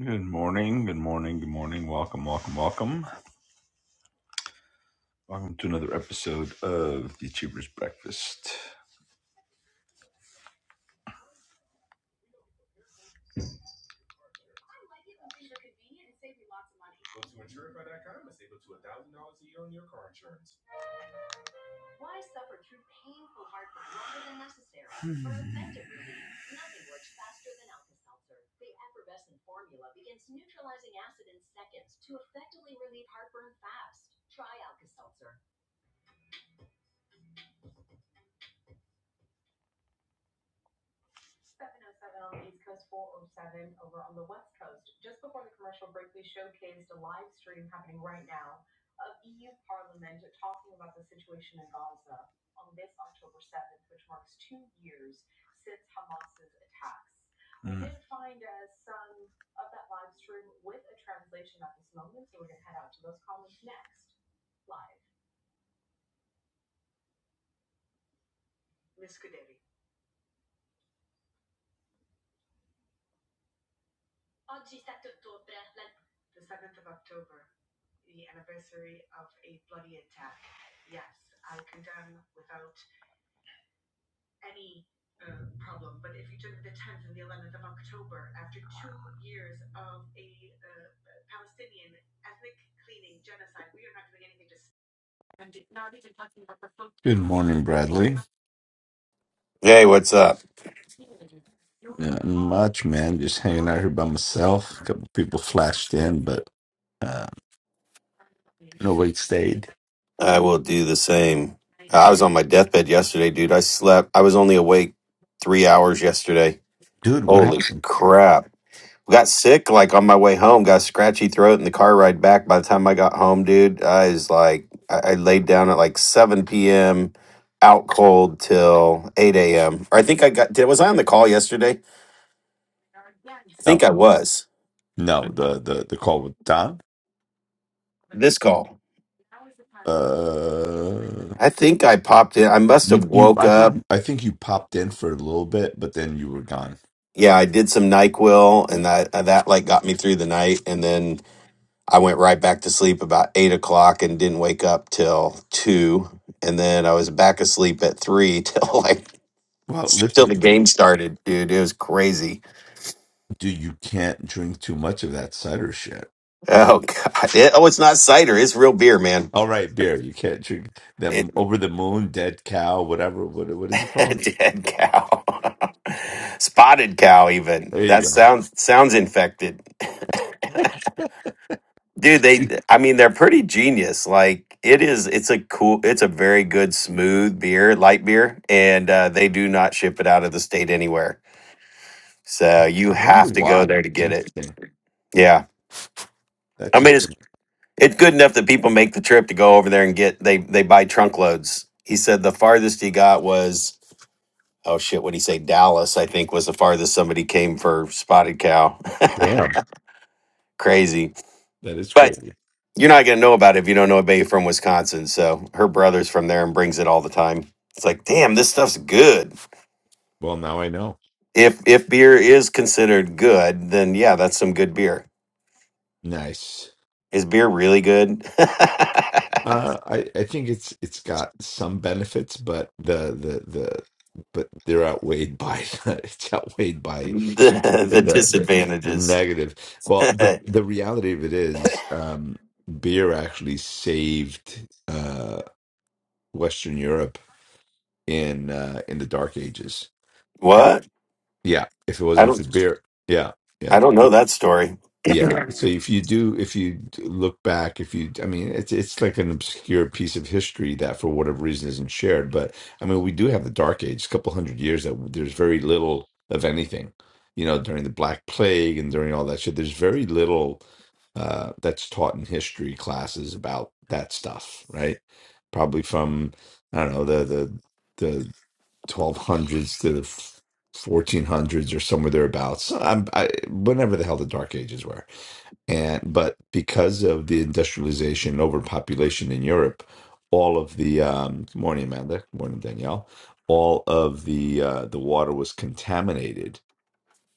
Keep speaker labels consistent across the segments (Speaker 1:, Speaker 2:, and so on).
Speaker 1: Good morning, good morning, good morning. Welcome, welcome, welcome. Welcome to another episode of the Achievers Breakfast. Good morning, Bradley.
Speaker 2: Hey, what's up?
Speaker 1: Yeah, Not much, man. Just hanging out here by myself. A couple people flashed in, but uh wait stayed.
Speaker 2: I will do the same. I was on my deathbed yesterday, dude. I slept. I was only awake three hours yesterday.
Speaker 1: Dude, what
Speaker 2: Holy
Speaker 1: happened?
Speaker 2: crap. Got sick like on my way home, got a scratchy throat in the car ride back. By the time I got home, dude, I was like, I, I laid down at like 7 p.m., out cold till 8 a.m. Or I think I got, did, was I on the call yesterday? I
Speaker 1: No,
Speaker 2: think I was.
Speaker 1: no, the the, the call with Don.
Speaker 2: This call.
Speaker 1: Uh
Speaker 2: I think I popped in. I must have
Speaker 1: you you
Speaker 2: woke
Speaker 1: I
Speaker 2: up.
Speaker 1: think I think you popped in for a little bit, but then you were gone.
Speaker 2: yeah, I did some NyQuil, and that uh, that like got me through the night, and then I went right back to sleep about eight o'clock and didn't wake up till two, and then I was back asleep at three till like
Speaker 1: Well,
Speaker 2: till the
Speaker 1: listen,
Speaker 2: game started, dude. It was crazy.
Speaker 1: dude, you can't drink too much of that cider shit.
Speaker 2: Oh god. It, oh, it's not cider. It's real beer, man.
Speaker 1: All right, beer. You can't drink that
Speaker 2: It
Speaker 1: m- over the moon, dead cow, whatever. What what is it called?
Speaker 2: dead cow, spotted cow. Even
Speaker 1: There
Speaker 2: that
Speaker 1: you go.
Speaker 2: sounds sounds infected. Dude, they
Speaker 1: You-
Speaker 2: I mean they're pretty genius. Like it is it's a cool it's a very good smooth beer, light beer, and uh they do not ship it out of the state anywhere.
Speaker 1: I
Speaker 2: So you
Speaker 1: I wonder
Speaker 2: have to go
Speaker 1: why.
Speaker 2: there to
Speaker 1: It's
Speaker 2: get it.
Speaker 1: interesting.
Speaker 2: Yeah. I
Speaker 1: That's
Speaker 2: mean it's
Speaker 1: interesting.
Speaker 2: it's good enough that people make the trip to go over there and get they they buy trunk loads. He said the farthest he got was oh shit, what'd he say? Dallas, I think was the farthest somebody came for spotted cow.
Speaker 1: Damn,
Speaker 2: Crazy.
Speaker 1: that is
Speaker 2: but.
Speaker 1: crazy.
Speaker 2: You're not gonna know about it if you don't know a babe from Wisconsin. So her brother's from there and brings it all the time. It's like, damn, this stuff's good.
Speaker 1: Well, now I know.
Speaker 2: If if beer is considered good, then yeah, that's some good beer.
Speaker 1: Nice.
Speaker 2: Is beer really good? the,
Speaker 1: Uh, I I think it's it's got some benefits, but the the the but they're outweighed by it's outweighed by the
Speaker 2: the
Speaker 1: the, the
Speaker 2: disadvantages.
Speaker 1: negative. Well, the the reality of it is, um, beer actually saved. uh, Western Europe in uh, in the Dark Ages.
Speaker 2: what?
Speaker 1: Yeah, if it
Speaker 2: I
Speaker 1: wasn't for
Speaker 2: don't
Speaker 1: beer, yeah,
Speaker 2: I
Speaker 1: yeah,
Speaker 2: don't know that story.
Speaker 1: yeah. So if you do, if you d- look back, if you, I mean, it's it's like an obscure piece of history that for whatever reason isn't shared. But I mean, we do have the Dark Ages, a couple hundred years that there's very little of anything. You know, during the Black Plague and during all that shit, there's very little uh, that's taught in history classes about that stuff, right? Probably from I don't know the the 1200s to the 1400s or somewhere thereabouts. I'm, I, whenever the hell the Dark Ages were, and but because of the industrialization, and overpopulation in Europe, all of the um, good morning Amanda, good morning Danielle, all of the uh, the water was contaminated.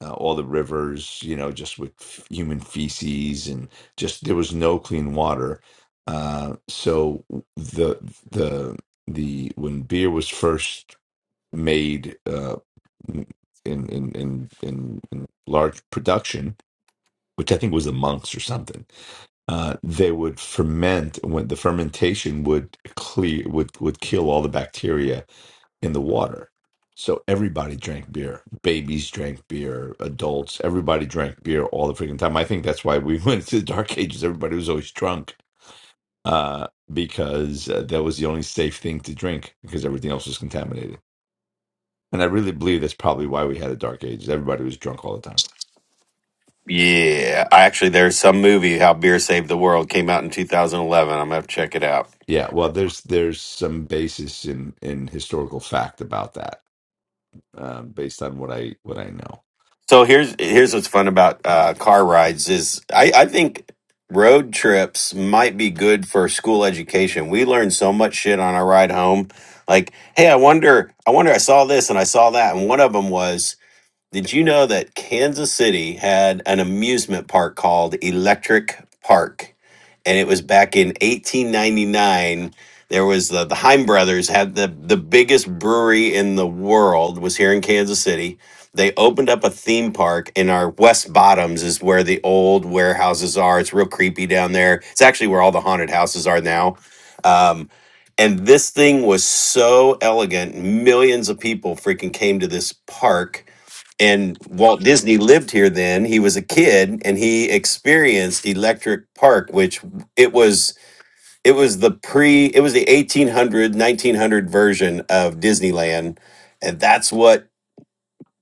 Speaker 1: Uh, all the rivers, you know, just with f- human feces and just there was no clean water. Uh, so the the the when beer was first made uh, in, in in in in large production, which I think was the monks or something. Uh, they would ferment when the fermentation would clear would would kill all the bacteria in the water. So everybody drank beer. Babies drank beer. Adults, everybody drank beer all the freaking time. I think that's why we went to the dark ages. Everybody was always drunk uh, because uh, that was the only safe thing to drink because everything else was contaminated. And I really believe that's probably why we had a dark ages. Everybody was drunk all the time.
Speaker 2: Yeah, I actually there's some movie how beer saved the world came out in 2011. I'm gonna have to check it out.
Speaker 1: Yeah, well, there's there's some basis in in historical fact about that, um, based on what I what I know.
Speaker 2: So here's here's what's fun about uh, car rides is I, I think road trips might be good for school education. We learn so much shit on our ride home. Like, hey, I wonder, I wonder, I saw this and I saw that, and one of them was did you know that Kansas City had an amusement park called Electric Park? And it was back in 1899. There was the, the Heim brothers had the, the biggest brewery in the world was here in Kansas City. They opened up a theme park in our West Bottoms is where the old warehouses are. It's real creepy down there. It's actually where all the haunted houses are now. Um, and this thing was so elegant. Millions of people freaking came to this park and Walt Disney lived here then. He was a kid and he experienced Electric Park, which it was it was the pre it was the 1800 1900 version of Disneyland and that's what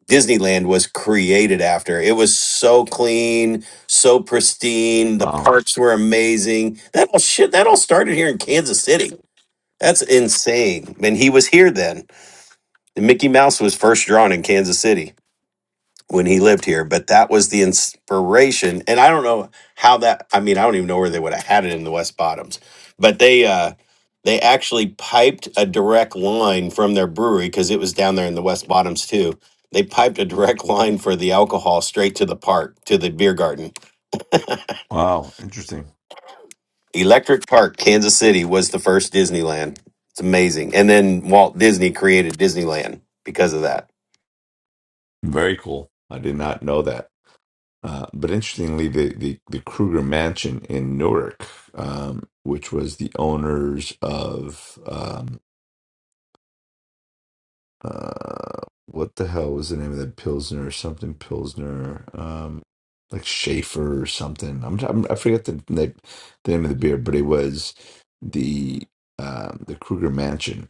Speaker 2: Disneyland was created after. It was so clean, so pristine, the
Speaker 1: Wow,
Speaker 2: parks were amazing. That all shit that all started here in Kansas City. That's insane. And he was here then. Mickey Mouse was first drawn in Kansas City. when he lived here, but that was the inspiration. And I don't know how that I mean, I don't even know where they would have had it in the West Bottoms. But they uh they actually piped a direct line from their brewery because it was down there in the West Bottoms too. They piped a direct line for the alcohol straight to the park, to the beer garden.
Speaker 1: wow, interesting,
Speaker 2: Electric Park, Kansas City was the first Disneyland. It's amazing. And then Walt Disney created Disneyland because of that.
Speaker 1: very cool. I did not know that. Uh, but interestingly, the, the the Kruger Mansion in Newark, um, which was the owners of um, Uh, what the hell was the name of that Pilsner or something Pilsner? Um, like Schaefer or something. I'm, I'm I forget the, the the name of the beer, but it was the um the Kruger Mansion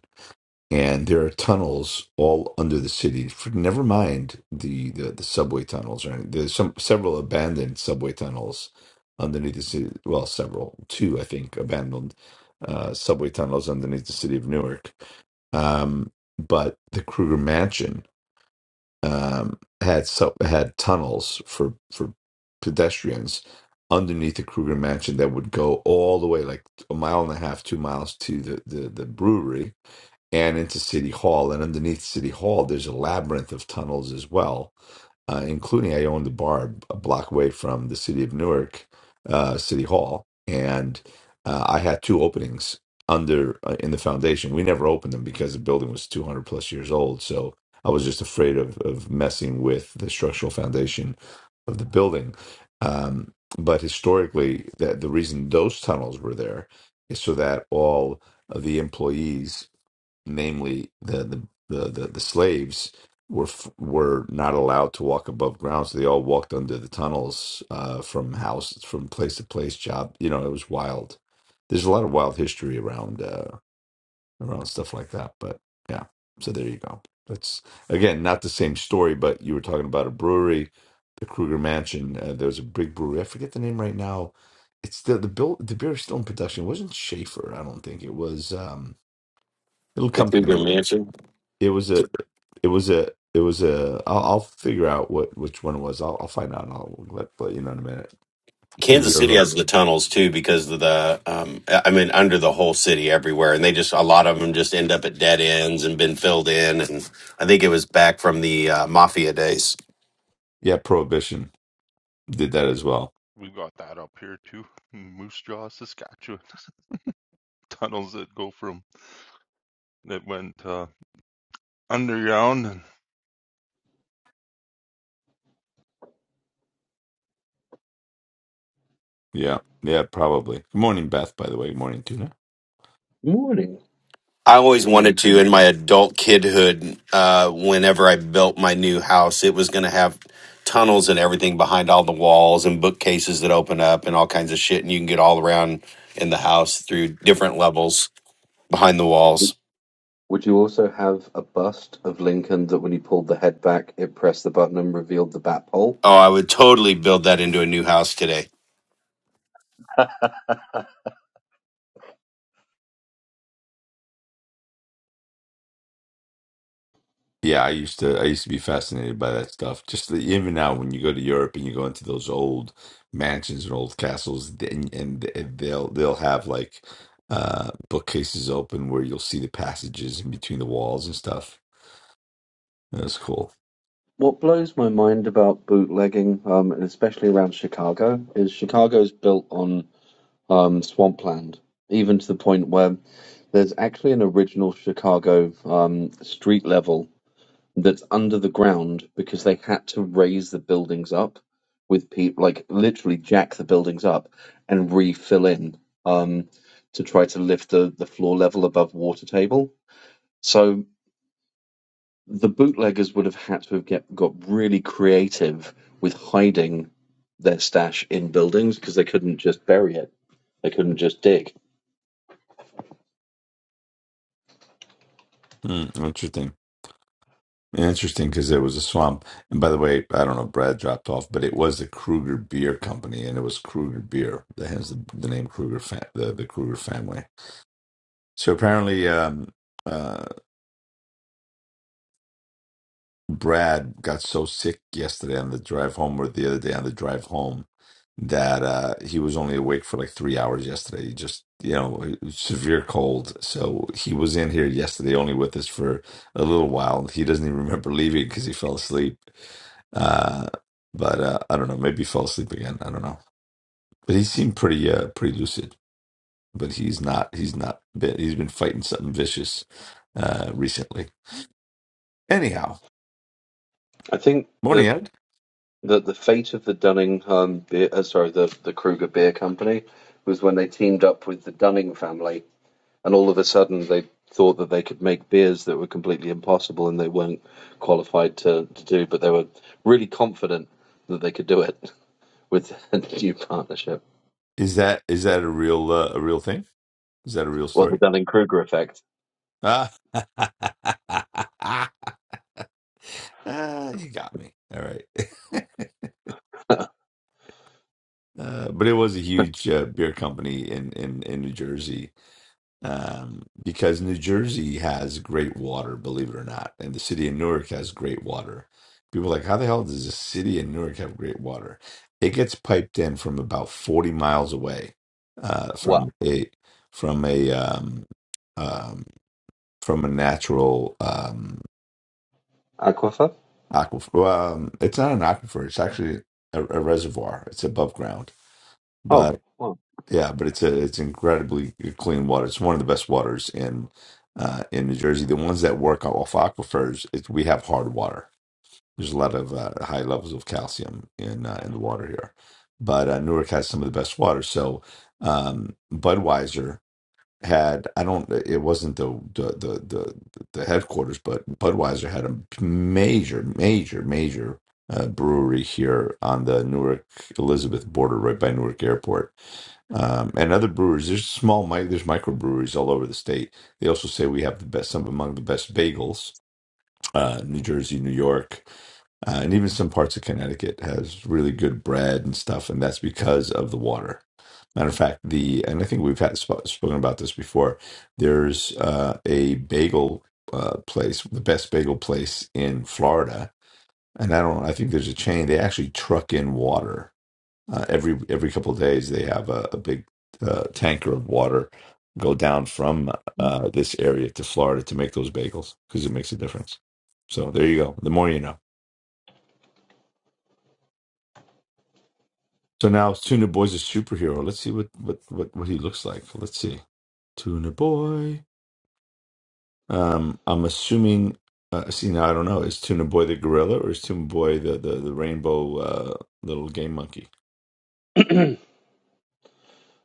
Speaker 1: and there are tunnels all under the city. For, never mind the, the the subway tunnels, or anything. there's some several abandoned subway tunnels underneath the city. Well, several, two I think, abandoned uh, subway tunnels underneath the city of Newark. Um, but the Kruger Mansion um, had sub, had tunnels for for pedestrians underneath the Kruger Mansion that would go all the way like a mile and a half, two miles to the the, the brewery and into City Hall. And underneath City Hall, there's a labyrinth of tunnels as well, uh, including I owned the bar a block away from the city of Newark, uh, City Hall. And uh, I had two openings under uh, in the foundation. We never opened them because the building was 200 plus years old. So I was just afraid of, of messing with the structural foundation of the building. Um, but historically, that the reason those tunnels were there is so that all of the employees namely the the the the, the slaves were f- were not allowed to walk above ground, so they all walked under the tunnels uh, from house from place to place. Job, you know, it was wild. There's a lot of wild history around uh, around stuff like that. But yeah, so there you go. That's again not the same story, but you were talking about a brewery, the Kruger Mansion. Uh, there was a big brewery. I forget the name right now. It's still the bill. The beer is still in production. It wasn't Schaefer, I don't think. It was. um It'll
Speaker 2: The
Speaker 1: come to
Speaker 2: Cougar
Speaker 1: me.
Speaker 2: Mansion.
Speaker 1: It was a. It was a. It was a. I'll, I'll figure out what which one it was. I'll, I'll find out. And I'll let, let you know in a minute. Give you
Speaker 2: Kansas
Speaker 1: a
Speaker 2: City
Speaker 1: look.
Speaker 2: has the tunnels too because of the um I mean under the whole city everywhere and they just a lot of them just end up at dead ends and been filled in and I think it was back from the uh, mafia days.
Speaker 1: Yeah, Prohibition did that as well.
Speaker 3: We've got that up here too, in Moose Jaw, Saskatchewan. Tunnels that go from that went uh, underground and
Speaker 1: Yeah, yeah, probably. Good morning, Beth. By the way, Good morning, Tuna.
Speaker 4: Morning.
Speaker 2: I always
Speaker 4: How you going
Speaker 2: wanted to
Speaker 4: to
Speaker 2: in my adult kidhood uh whenever I built my new house it was going to have tunnels and everything behind all the walls and bookcases that open up and all kinds of shit and you can get all around in the house through different levels behind the
Speaker 4: Would
Speaker 2: walls.
Speaker 4: would you also have a bust of Lincoln that when he pulled the head back, it pressed the button and revealed the bat hole?
Speaker 2: Oh, I would totally build that into a new house today.
Speaker 1: Yeah, I used to. I used to be fascinated by that stuff. Just the, even now, when you go to Europe and you go into those old mansions and old castles, and, and they'll they'll have like uh bookcases open where you'll see the passages in between the walls and stuff. That's cool.
Speaker 4: What blows my mind about bootlegging, um, and especially around Chicago, is Chicago's built on um, swampland, even to the point where there's actually an original Chicago um, street level that's under the ground because they had to raise the buildings up with people like literally jack the buildings up and refill in um, to try to lift the, the floor level above water table. So the bootleggers would have had to have get, got really creative with hiding their stash in buildings because they couldn't just bury it. They couldn't just dig.
Speaker 1: Hmm, interesting. Interesting because it was a swamp. And by the way, I don't know, if Brad dropped off, but it was the Kruger Beer Company, and it was Kruger Beer that has the, the name Kruger, fa- the, the Kruger family. So apparently, um, uh, Brad got so sick yesterday on the drive home, or the other day on the drive home, that uh, he was only awake for like three hours yesterday. He just, you know, severe cold. So he was in here yesterday, only with us for a little while. He doesn't even remember leaving because he fell asleep. Uh, but uh, I don't know. Maybe he fell asleep again. I don't know. But he seemed pretty, uh, pretty lucid. But he's not. He's not. Been, he's been fighting something vicious uh, recently. Anyhow,
Speaker 4: I think
Speaker 1: Morning,
Speaker 4: that
Speaker 1: Ed.
Speaker 4: that the fate of the Dunning um, beer, uh, sorry, the the Kruger Beer Company was when they teamed up with the Dunning family and all of a sudden they thought that they could make beers that were completely impossible and they weren't qualified to, to do, but they were really confident that they could do it with a new partnership.
Speaker 1: Is that is that a real uh, a real thing? Is that a real
Speaker 4: Well, the
Speaker 1: story?
Speaker 4: Dunning Kruger effect.
Speaker 1: Ah, Ah, you got me. All right. uh, but it was a huge uh, beer company in, in in New Jersey um, because New Jersey has great water, believe it or not, and the city of Newark has great water. People are like, how the hell does the city of Newark have great water? It gets piped in from about forty miles away uh,
Speaker 4: Wow.
Speaker 1: from a from a um, um, from a natural um,
Speaker 4: Aquifer?
Speaker 1: aquifer. Well, um, it's not an aquifer; it's actually a, a reservoir. It's above ground,
Speaker 4: Oh,
Speaker 1: but.
Speaker 4: well,
Speaker 1: Yeah, but it's a it's incredibly uh, clean water. It's one of the best waters in uh, in New Jersey. The ones that work off aquifers, it, we have hard water. There's a lot of uh, high levels of calcium in uh, in the water here, but uh, Newark has some of the best water. So um, Budweiser had I don't it wasn't the the the the, the headquarters, but Budweiser had a major, major, major uh, brewery here on the Newark Elizabeth border, right by Newark Airport, um, and other brewers. There's small mi- there's microbreweries all over the state. They also say we have the best, some among the best bagels uh, New Jersey, New York, uh, and even some parts of Connecticut has really good bread and stuff, and that's because of the water. Matter of fact, the and I think we've had sp- spoken about this before. There's uh, a bagel uh, place, the best bagel place in Florida, and I don't. I think there's a chain. They actually truck in water uh, every every couple of days, they have a, a big uh, tanker of water go down from uh, this area to Florida to make those bagels because it makes a difference. So there you go. The more you know. So now it's Tuna Boy's a superhero. Let's see what what what, what he looks like. Let's see. Tuna Boy. Um, I'm assuming. Uh, see now, I don't know. Is Tuna Boy the gorilla or is Tuna Boy the the, the rainbow uh, little game monkey?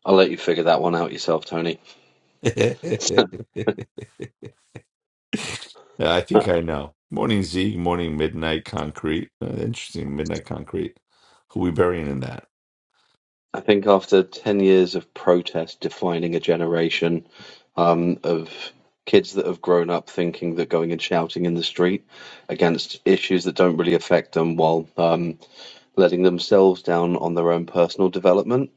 Speaker 4: I'll let you figure that one out yourself, Tony.
Speaker 1: Yeah, I think
Speaker 4: Uh,
Speaker 1: I know. Morning Zeke, morning Midnight Concrete. Uh, interesting, Midnight Concrete. Who we burying in that?
Speaker 4: I think after 10 years of protest defining a generation um, of kids that have grown up thinking that going and shouting in the street against issues that don't really affect them while um, letting themselves down on their own personal development.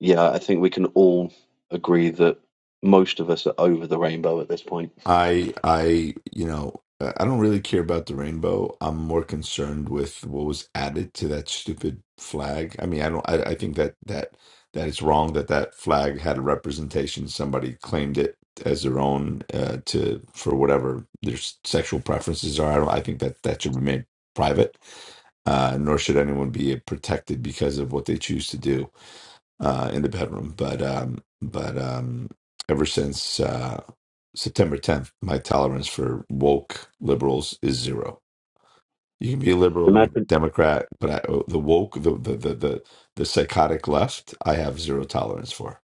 Speaker 4: Yeah, I think we can all agree that most of us are over the rainbow at this point.
Speaker 1: I I you know I I don't really care about the rainbow. I'm more concerned with what was added to that stupid flag. I mean, I don't. I, I think that that that it's wrong that that flag had a representation. Somebody claimed it as their own uh, to for whatever their s- sexual preferences are. I don't. I think that that should remain private. Uh, nor should anyone be protected because of what they choose to do uh, in the bedroom. But um, but um, ever since uh, September 10th, my tolerance for woke liberals is zero. You can be a liberal, you can be
Speaker 4: Imagine,
Speaker 1: a Democrat, but I, the woke, the, the the the the psychotic left, I have zero tolerance for.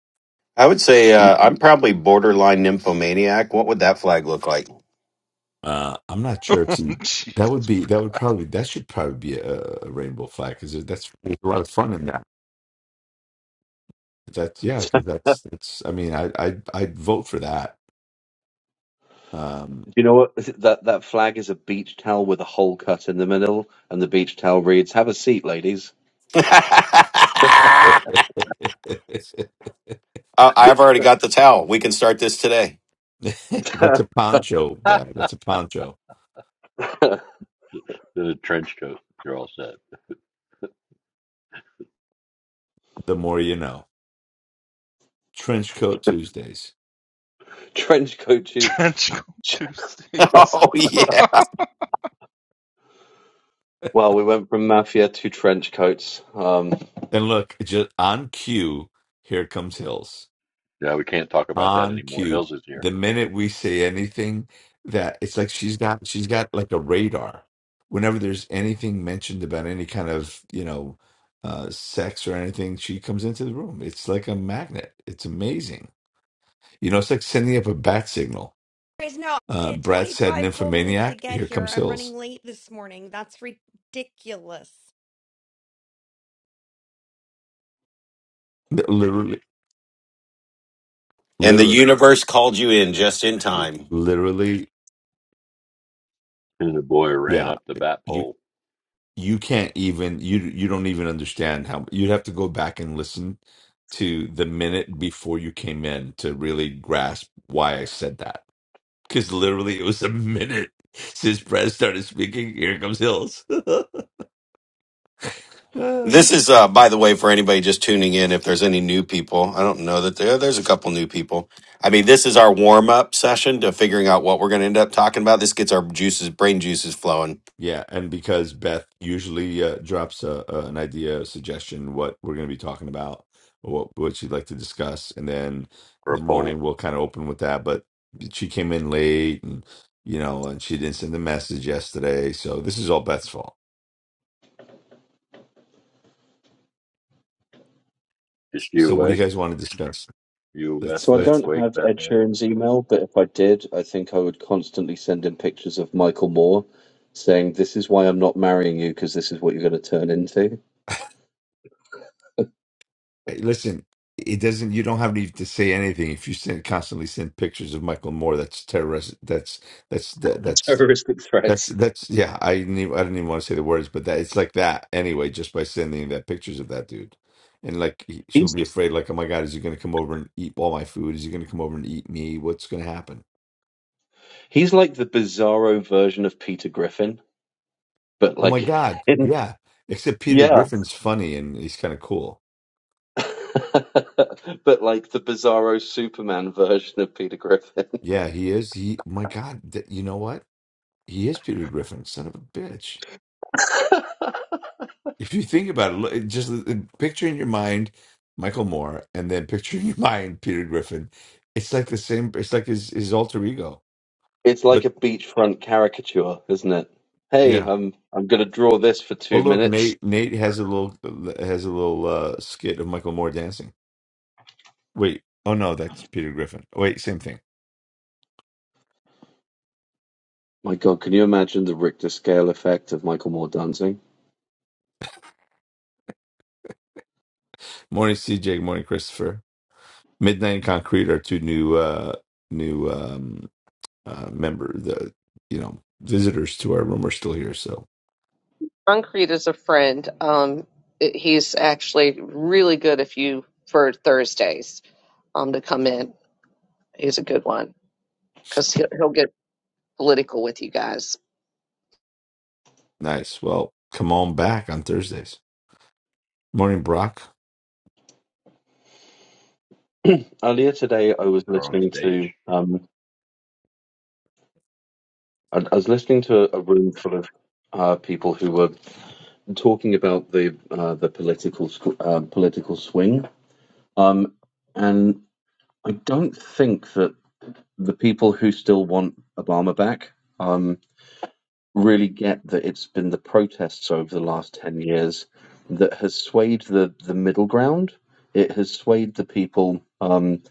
Speaker 2: I would say
Speaker 4: you
Speaker 2: uh, I'm probably borderline nymphomaniac. What would that flag look like?
Speaker 1: Uh, I'm not sure if you- that
Speaker 3: jeez,
Speaker 1: would be that would probably that should probably be a, a rainbow flag because that's there's a lot of fun in that. That's yeah, because that's that's I mean I I i I'd vote for that. Um,
Speaker 4: know what? That that flag is a beach towel with a hole cut in the middle, and the beach towel reads, "Have a seat, ladies."
Speaker 2: I- I've already got the towel. We can start this today.
Speaker 1: That's a poncho, Brad. That's a poncho.
Speaker 5: in a trench coat. You're all set.
Speaker 1: The more you know. Trench coat Tuesdays.
Speaker 4: trench coat. to-
Speaker 3: trench coat Tuesdays.
Speaker 2: Oh, yeah.
Speaker 4: Well, we went from mafia to trench coats. Um,
Speaker 1: And look, just on cue, here comes Hills.
Speaker 5: Yeah, we can't talk about that
Speaker 1: On
Speaker 5: anymore.
Speaker 1: cue.
Speaker 5: Hills is here.
Speaker 1: The minute we say anything that it's like she's got she's got like a radar. Whenever there's anything mentioned about any kind of, you know, uh, sex or anything, she comes into the room. It's like a magnet. It's amazing. You know, it's like sending up a bat signal.
Speaker 6: Guys, no, I
Speaker 1: Uh,
Speaker 6: waited
Speaker 1: Brad said,
Speaker 6: 25 full minutes to
Speaker 1: "Nymphomaniac."
Speaker 6: get
Speaker 1: Here
Speaker 6: here.
Speaker 1: comes
Speaker 6: I'm
Speaker 1: Hills.
Speaker 6: running late this morning. That's ridiculous.
Speaker 1: Literally.
Speaker 2: And the
Speaker 1: literally
Speaker 2: universe called you in just in
Speaker 5: And the,
Speaker 2: time.
Speaker 1: literally
Speaker 5: and the boy ran
Speaker 1: yeah
Speaker 5: up the bat
Speaker 1: you
Speaker 5: pole
Speaker 1: you can't even you you don't even understand how you'd have to go back and listen to the minute before you came in to really grasp why I said that because literally it was a minute since Brad started speaking here comes Hills
Speaker 2: This is, uh, by the way, for anybody just tuning in, if there's any new people, I don't know that there, there's a couple new people. I mean, this is our warm up session to figuring out what we're going to end up talking about. This gets our juices, brain juices flowing.
Speaker 1: Yeah, and because Beth usually uh, drops a, a, an idea, a suggestion, what we're going to be talking about, or what what she'd like to discuss, and then
Speaker 5: or
Speaker 1: in
Speaker 5: a
Speaker 1: the
Speaker 5: pole.
Speaker 1: morning we'll kind of open with that. But she came in late, and you know, and she didn't send the message yesterday, so this is all Beth's fault.
Speaker 5: Is you
Speaker 1: So, what do you
Speaker 5: awake?
Speaker 1: guys want to discuss?
Speaker 5: You awake,
Speaker 1: Let's
Speaker 4: So I
Speaker 5: Beth-
Speaker 4: don't
Speaker 1: let's
Speaker 5: awake,
Speaker 4: have
Speaker 5: Beth
Speaker 4: Ed
Speaker 5: Ann?
Speaker 4: Sheeran's email, but if I did, I think I would constantly send him pictures of Michael Moore saying, This is why I'm not marrying you, because this is what you're going to turn into.
Speaker 1: hey, listen. It doesn't. You don't have any to say anything if you send, constantly send pictures of Michael Moore. That's terrorist. That's that's that, that's
Speaker 4: Terroristic
Speaker 1: That's
Speaker 4: threats.
Speaker 1: that's yeah. I didn't I didn't even want to say the words, but that it's like that anyway. Just by sending that pictures of that dude, and like he- she'll
Speaker 4: He's
Speaker 1: be afraid, like oh my god, is he going to come over and eat all my food? Is he going to come over and eat me? What's going to happen?
Speaker 4: he's like the bizarro version of Peter Griffin, but
Speaker 1: Oh my
Speaker 4: like
Speaker 1: god,
Speaker 4: in
Speaker 1: yeah. Except Peter
Speaker 4: yeah.
Speaker 1: Griffin's funny and he's kind of cool.
Speaker 4: but like the bizarro Superman version of Peter Griffin.
Speaker 1: Yeah, he is. He my god, th- you know what? He is Peter Griffin, son of a bitch. If you think about it, look, just uh, picture in your mind Michael Moore, and then picture in your mind Peter Griffin. It's like the same. It's like his his alter ego.
Speaker 4: It's like
Speaker 1: But
Speaker 4: a beachfront caricature, isn't it? Hey,
Speaker 1: yeah.
Speaker 4: I'm I'm gonna draw this for
Speaker 1: Oh
Speaker 4: two
Speaker 1: look,
Speaker 4: minutes.
Speaker 1: Nate Nate has a little uh, has a little uh, skit of Michael Moore dancing. Wait. Oh no, that's Peter Griffin. Wait, same thing.
Speaker 4: My God, can you imagine the Richter scale effect of Michael Moore dancing?
Speaker 1: Morning, CJ. Morning, Christopher. Midnight and Concrete are two new uh new um uh member the you know visitors to our room are still here. So
Speaker 7: Concrete is a friend. Um, it- he's actually really good if you for Thursdays um to come in. He's a good one because he'll he'll get political with you guys.
Speaker 1: nice. Well, come on back on Thursdays. Morning, Brock.
Speaker 4: Earlier today, I was
Speaker 5: Or on
Speaker 4: listening
Speaker 5: stage?
Speaker 4: to um, I, I was listening to a, room full of uh, people who were talking about the uh, the political squ- uh, political swing, um, and I don't think that the people who still want Obama back. um. really get that it's been the protests over the last 10 years that has swayed the, the middle ground. It has swayed the people um,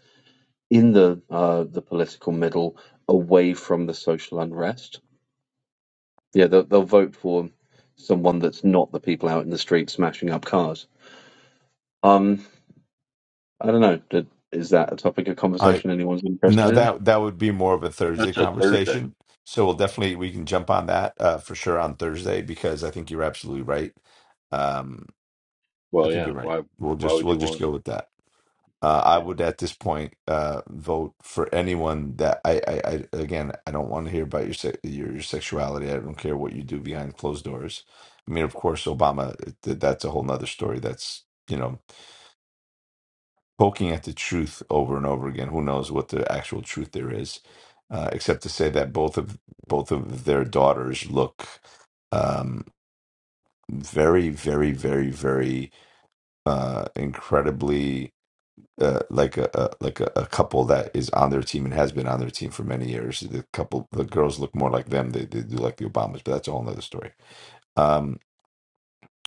Speaker 4: in the uh, the political middle away from the social unrest. Yeah, they'll, they'll vote for someone that's not the people out in the street smashing up cars. Um, I don't know. Did, is that a topic of
Speaker 1: I
Speaker 4: conversation anyone's interested
Speaker 1: no,
Speaker 4: in?
Speaker 1: that that would be more of a Thursday
Speaker 5: That's a Thursday.
Speaker 1: conversation. So we'll definitely we can jump on that uh, for sure on Thursday because I think you're absolutely right. Um, I
Speaker 5: Well,
Speaker 1: think
Speaker 5: yeah.
Speaker 1: you're right.
Speaker 5: Why
Speaker 1: We'll
Speaker 5: Why
Speaker 1: just
Speaker 5: would
Speaker 1: we'll
Speaker 5: you
Speaker 1: just
Speaker 5: want?
Speaker 1: go with that. Uh, I
Speaker 5: Yeah.
Speaker 1: would at this point uh, vote for anyone that I, I, I again I don't want to hear about your se- your, your sexuality. I don't care what you do behind closed doors. I mean, of course, Obama. th- That's a whole nother story. That's you know poking at the truth over and over again. Who knows what the actual truth there is, uh, except to say that both of both of their daughters look um, very, very, very, very uh, incredibly uh, like a, a like a, a couple that is on their team and has been on their team for many years. The couple, the girls look more like them. They they do like the Obamas, but that's a whole other story. Um,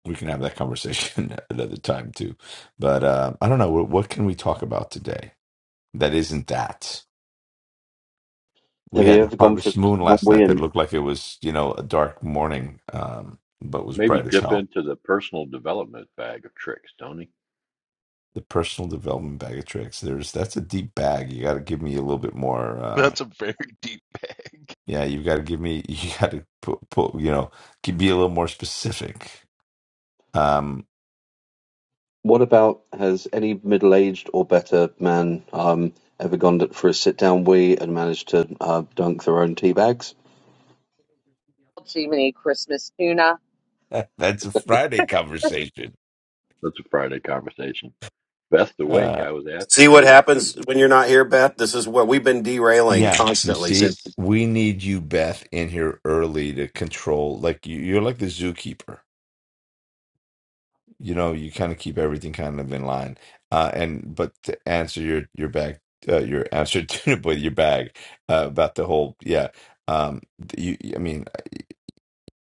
Speaker 1: we can have that conversation another time too. But uh, I don't know. What what can we talk about today that isn't that? we
Speaker 4: Have you
Speaker 1: had
Speaker 4: ever gone for
Speaker 1: harvest moon last night
Speaker 4: a
Speaker 1: that looked like it was you know a dark morning um but was
Speaker 5: Maybe
Speaker 1: bright as
Speaker 5: dip
Speaker 1: hell
Speaker 5: into the personal development bag of tricks, Tony.
Speaker 1: the personal development bag of tricks there's that's a deep bag you got to give me a little bit more uh
Speaker 3: That's a very deep bag.
Speaker 1: yeah you got to give me you got to put, put you know give be a little more specific um
Speaker 4: What about has any middle-aged or better man um, ever gone for a sit-down wee and managed to uh, dunk their own tea bags?
Speaker 7: Jiminy Christmas tuna.
Speaker 1: that's a friday conversation
Speaker 5: That's a Friday conversation. Beth's awake.
Speaker 1: uh
Speaker 5: I was asking
Speaker 2: See what
Speaker 5: earlier if she was
Speaker 2: happens when
Speaker 5: awake.
Speaker 2: you're not here, Beth? This is what we've been derailing
Speaker 1: yeah you
Speaker 2: constantly since
Speaker 1: see we need you beth in here early to control like you, you're like the zookeeper you know you kind of keep everything kind of in line uh and but to answer your your bag, uh, your answer to with your bag uh, about the whole yeah um you i mean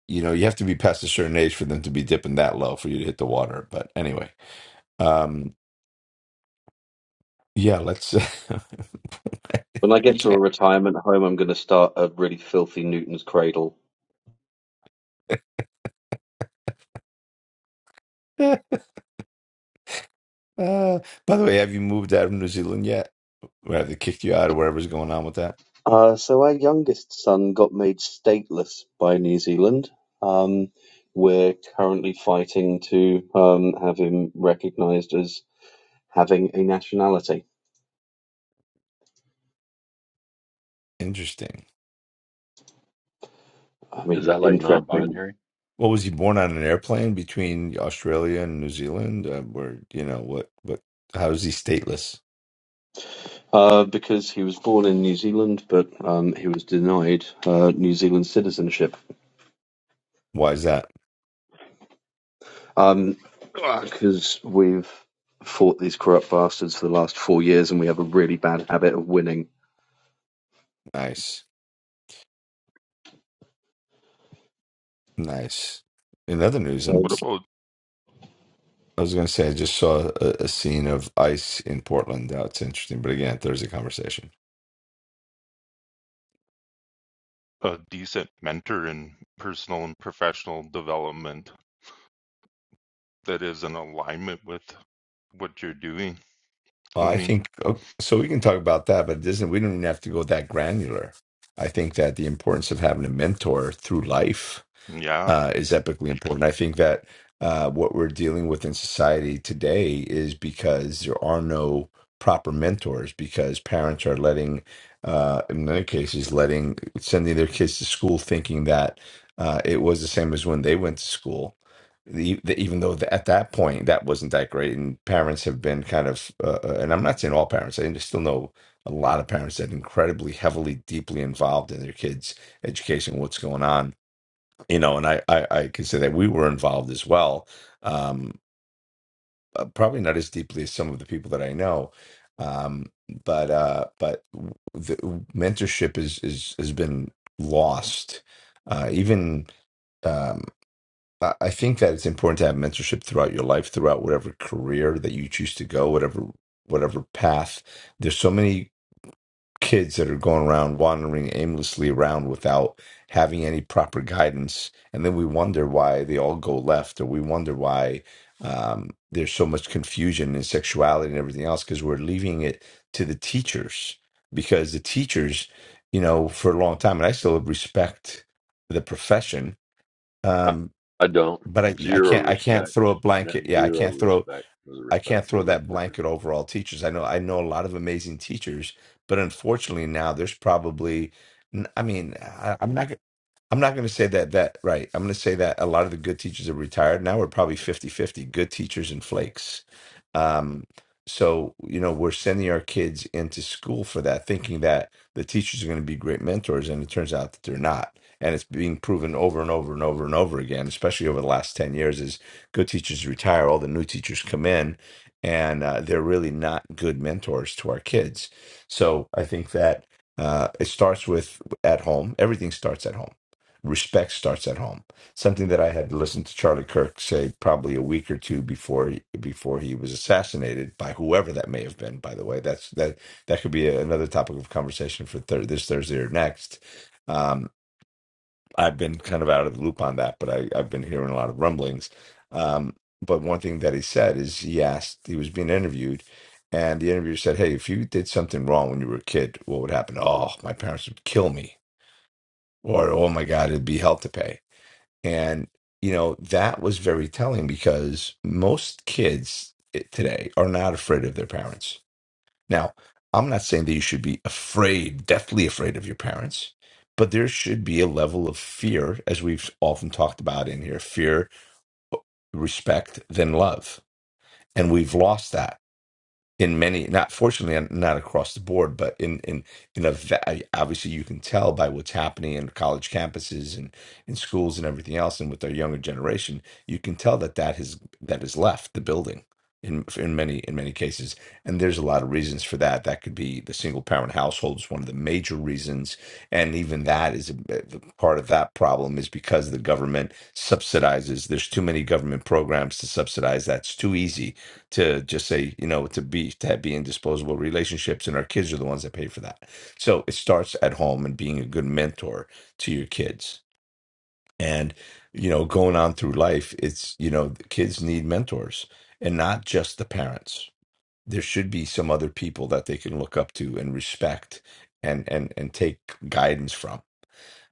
Speaker 1: you know you have to be past a certain age for them to be dipping that low for you to hit the water but anyway um yeah let's uh,
Speaker 4: When I get to a retirement home, I'm going to start a really filthy Newton's Cradle.
Speaker 1: by the way have you moved out of new zealand yet Or Have they kicked you out or whatever's going on with that
Speaker 4: Uh, so our youngest son got made stateless by New Zealand. Um, we're currently fighting to um, have him recognised as having a nationality.
Speaker 1: interesting
Speaker 4: I
Speaker 5: Is
Speaker 4: mean,
Speaker 5: that like non
Speaker 4: interesting.
Speaker 5: binary?
Speaker 1: What was he born on an airplane between Australia and New Zealand? Uh, where you know what? What? How is he stateless?
Speaker 4: Uh, because he was born in New Zealand, but um, he was denied uh, New Zealand citizenship.
Speaker 1: Why is that?
Speaker 4: Um, Because we've fought these corrupt bastards for the last four years, and we have a really bad habit of winning.
Speaker 1: Nice, nice. In other news, I'm.
Speaker 3: What
Speaker 4: So,
Speaker 3: about
Speaker 1: I was going to say I just saw a, a scene of ice in Portland. That's it's interesting, but again, Thursday conversation.
Speaker 3: a decent mentor in personal and professional development that is in alignment with what you're doing,
Speaker 1: Well, I
Speaker 3: Tony?
Speaker 1: think okay, so. We can talk about that, but it not we don't even have to go that granular. I think that the importance of having a mentor through life
Speaker 3: Yeah.
Speaker 1: uh, is epically important. I think that uh, what we're dealing with in society today is because there are no proper mentors, because parents are letting, uh, in many cases, letting sending their kids to school thinking that uh, it was the same as when they went to school. The, the, even though the, at that point that wasn't that great, and parents have been kind of, uh, uh, and I'm not saying all parents, I still know a lot of parents that are incredibly heavily, deeply involved in their kids' education, what's going on you know, and I, I, I can say that we were involved as well. Um, uh, probably not as deeply as some of the people that I know, um, but uh, but w- the mentorship is is has been lost. Uh, even um, I I think that it's important to have mentorship throughout your life, throughout whatever career that you choose to go, whatever whatever path. There's so many kids that are going around wandering aimlessly around without having any proper guidance and then we wonder why they all go left or we wonder why um, there's so much confusion in sexuality and everything else because we're leaving it to the teachers because the teachers you know for a long time and i still respect the profession
Speaker 5: I,
Speaker 1: um,
Speaker 5: I don't.
Speaker 1: but I, I
Speaker 5: Zero
Speaker 1: can't i can't
Speaker 5: respect.
Speaker 1: throw a
Speaker 5: Net
Speaker 1: blanket yeah i
Speaker 5: zero
Speaker 1: can't throw
Speaker 5: respect for the
Speaker 1: I
Speaker 5: respect
Speaker 1: can't
Speaker 5: for
Speaker 1: throw
Speaker 5: the
Speaker 1: that
Speaker 5: prof-
Speaker 1: blanket over all teachers. I know I know a lot of amazing teachers, but unfortunately now there's probably n- I mean, I, I'm not I'm not going to say that that right. I'm going to say that a lot of the good teachers are retired now. We're probably fifty fifty good teachers and flakes. Um, so you know we're sending our kids into school for that, thinking that the teachers are going to be great mentors, and it turns out that they're not. And it's being proven over and over and over and over again, especially over the last ten years. Is good teachers retire, all the new teachers come in, and uh, they're really not good mentors to our kids. So I think that uh, it starts with at home. Everything starts at home Respect starts at home. Something that I had listened to Charlie Kirk say probably a week or two before he, before he was assassinated by whoever that may have been. By the way, that's that that could be a- another topic of conversation for thir- this Thursday or next. Um, I've been kind of out of the loop on that, but I, I've been hearing a lot of rumblings. Um, but one thing that he said is he asked he was being interviewed and the interviewer said, "Hey, if you did something wrong when you were a kid, what would happen? Oh, my parents would kill me, or oh my God, it'd be hell to pay." And, you know, that was very telling because most kids eh, today are not afraid of their parents. Now, I'm not saying that you should be afraid, deathly afraid of your parents, but there should be a level of fear, as we've often talked about in here fear, respect, then love. And we've lost that in many not fortunately not across the board but in in in a va- obviously you can tell by what's happening in college campuses and in schools and everything else and with our younger generation you can tell that that has that has left the building in in many in many cases and there's a lot of reasons for that that could be the single parent household is one of the major reasons and even that is a, a- part of that problem is because the government subsidizes there's too many government programs to subsidize that's too easy to just say, you know, to be to have, be in disposable relationships, and our kids are the ones that pay for that. So it starts at home and being a good mentor to your kids, and you know, going on through life, it's you know, the kids need mentors, and not just the parents. There should be some other people that they can look up to and respect, and and and take guidance from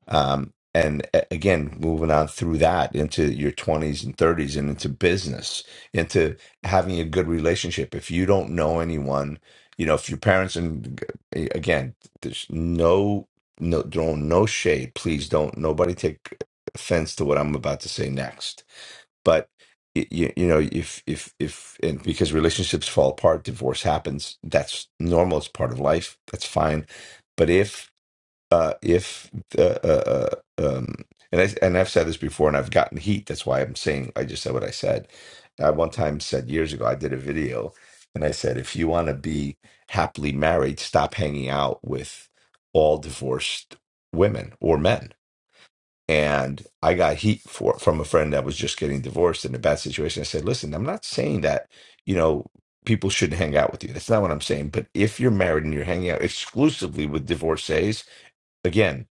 Speaker 1: um, and a- again, moving on through that into your 20s and 30s and into business, into having a good relationship. If you don't know anyone, you know, if your parents, and g- again, there's no, no, don't, no shade. Please don't, nobody take offense to what I'm about to say next but you, you know if if if and because relationships fall apart divorce happens that's normal it's part of life that's fine but if uh, if uh, uh, uh, um, and I and I've said this before, and I've gotten heat. That's why I'm saying I just said what I said. I one time said years ago I did a video, and I said if you want to be happily married, stop hanging out with all divorced women or men. And I got heat for from a friend that was just getting divorced in a bad situation. I said, listen, I'm not saying that you know people shouldn't hang out with you. That's not what I'm saying. But if you're married and you're hanging out exclusively with divorcees Again,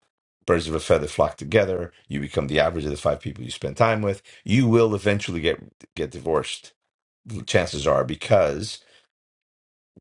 Speaker 1: birds of a feather flock together. You become the average of the five people you spend time with. You will eventually get get divorced. Chances are because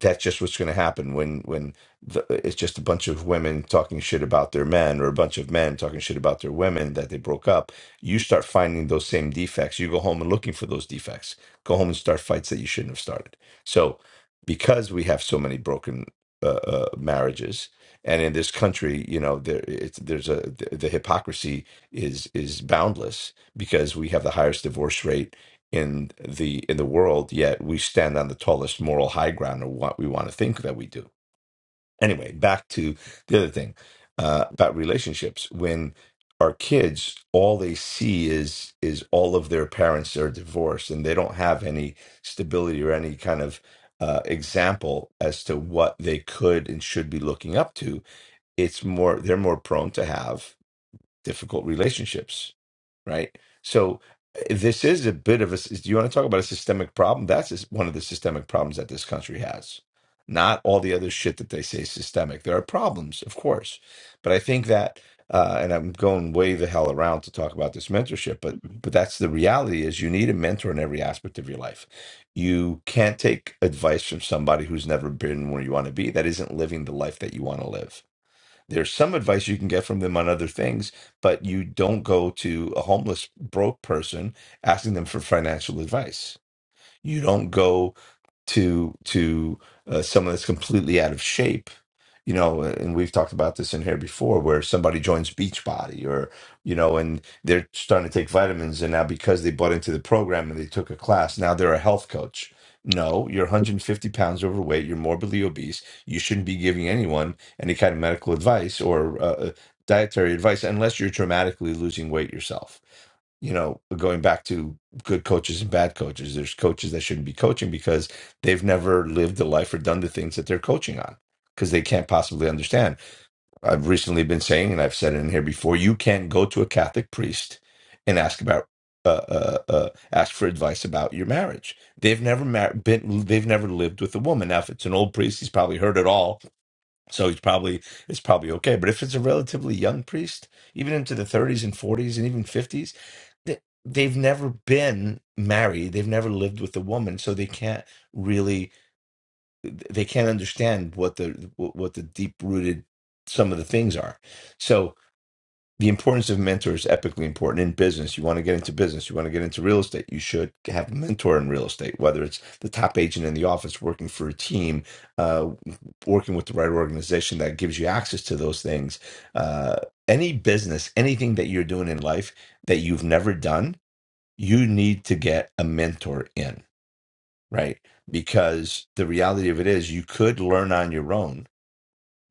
Speaker 1: that's just what's going to happen when when the, it's just a bunch of women talking shit about their men or a bunch of men talking shit about their women that they broke up you start finding those same defects you go home and looking for those defects go home and start fights that you shouldn't have started so because we have so many broken uh, uh, marriages and in this country you know there it's there's a the, the hypocrisy is is boundless because we have the highest divorce rate in the in the world yet we stand on the tallest moral high ground of what we want to think that we do anyway back to the other thing uh, about relationships when our kids all they see is is all of their parents are divorced and they don't have any stability or any kind of uh, example as to what they could and should be looking up to it's more they're more prone to have difficult relationships right? So uh, this is a bit of a. Do you want to talk about a systemic problem? That's just one of the systemic problems that this country has. Not all the other shit that they say is systemic. There are problems, of course, but I think that, uh, and I'm going way the hell around to talk about this mentorship, but but that's the reality: is you need a mentor in every aspect of your life. You can't take advice from somebody who's never been where you want to be. That isn't living the life that you want to live there's some advice you can get from them on other things, but you don't go to a homeless broke person asking them for financial advice. You don't go to to uh, someone that's completely out of shape you know, and we've talked about this in here before, where somebody joins Beachbody or, you know, and they're starting to take vitamins. And now because they bought into the program and they took a class, now they're a health coach. No, you're 150 pounds overweight, you're morbidly obese. You shouldn't be giving anyone any kind of medical advice or uh, uh, dietary advice unless you're dramatically losing weight yourself you know, going back to good coaches and bad coaches, there's coaches that shouldn't be coaching because they've never lived the life or done the things that they're coaching on because they can't possibly understand. I've recently been saying, and I've said it in here before, you can't go to a Catholic priest and ask about uh, uh, uh, ask for advice about your marriage. They've never mar- been, they've never lived with a woman. Now, if it's an old priest, he's probably heard it all, so he's probably it's probably okay. But if it's a relatively young priest, even into the 30s and 40s and even 50s, they, they've never been married. They've never lived with a woman, so they can't really they can't understand what the what the deep rooted some of the things are. So the importance of mentors is epically important in business. You want to get into business, you want to get into real estate, you should have a mentor in real estate, whether it's the top agent in the office working for a team, uh, working with the right organization that gives you access to those things. Uh, any business, anything that you're doing in life that you've never done, you need to get a mentor in right? Because the reality of it is you could learn on your own,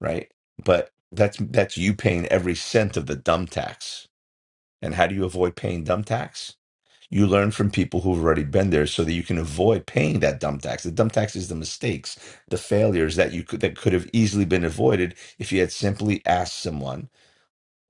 Speaker 1: right? But that's that's you paying every cent of the dumb tax. And how do you avoid paying dumb tax? You learn from people who've already been there so that you can avoid paying that dumb tax. The dumb tax is the mistakes, the failures that you could that could have easily been avoided if you had simply asked someone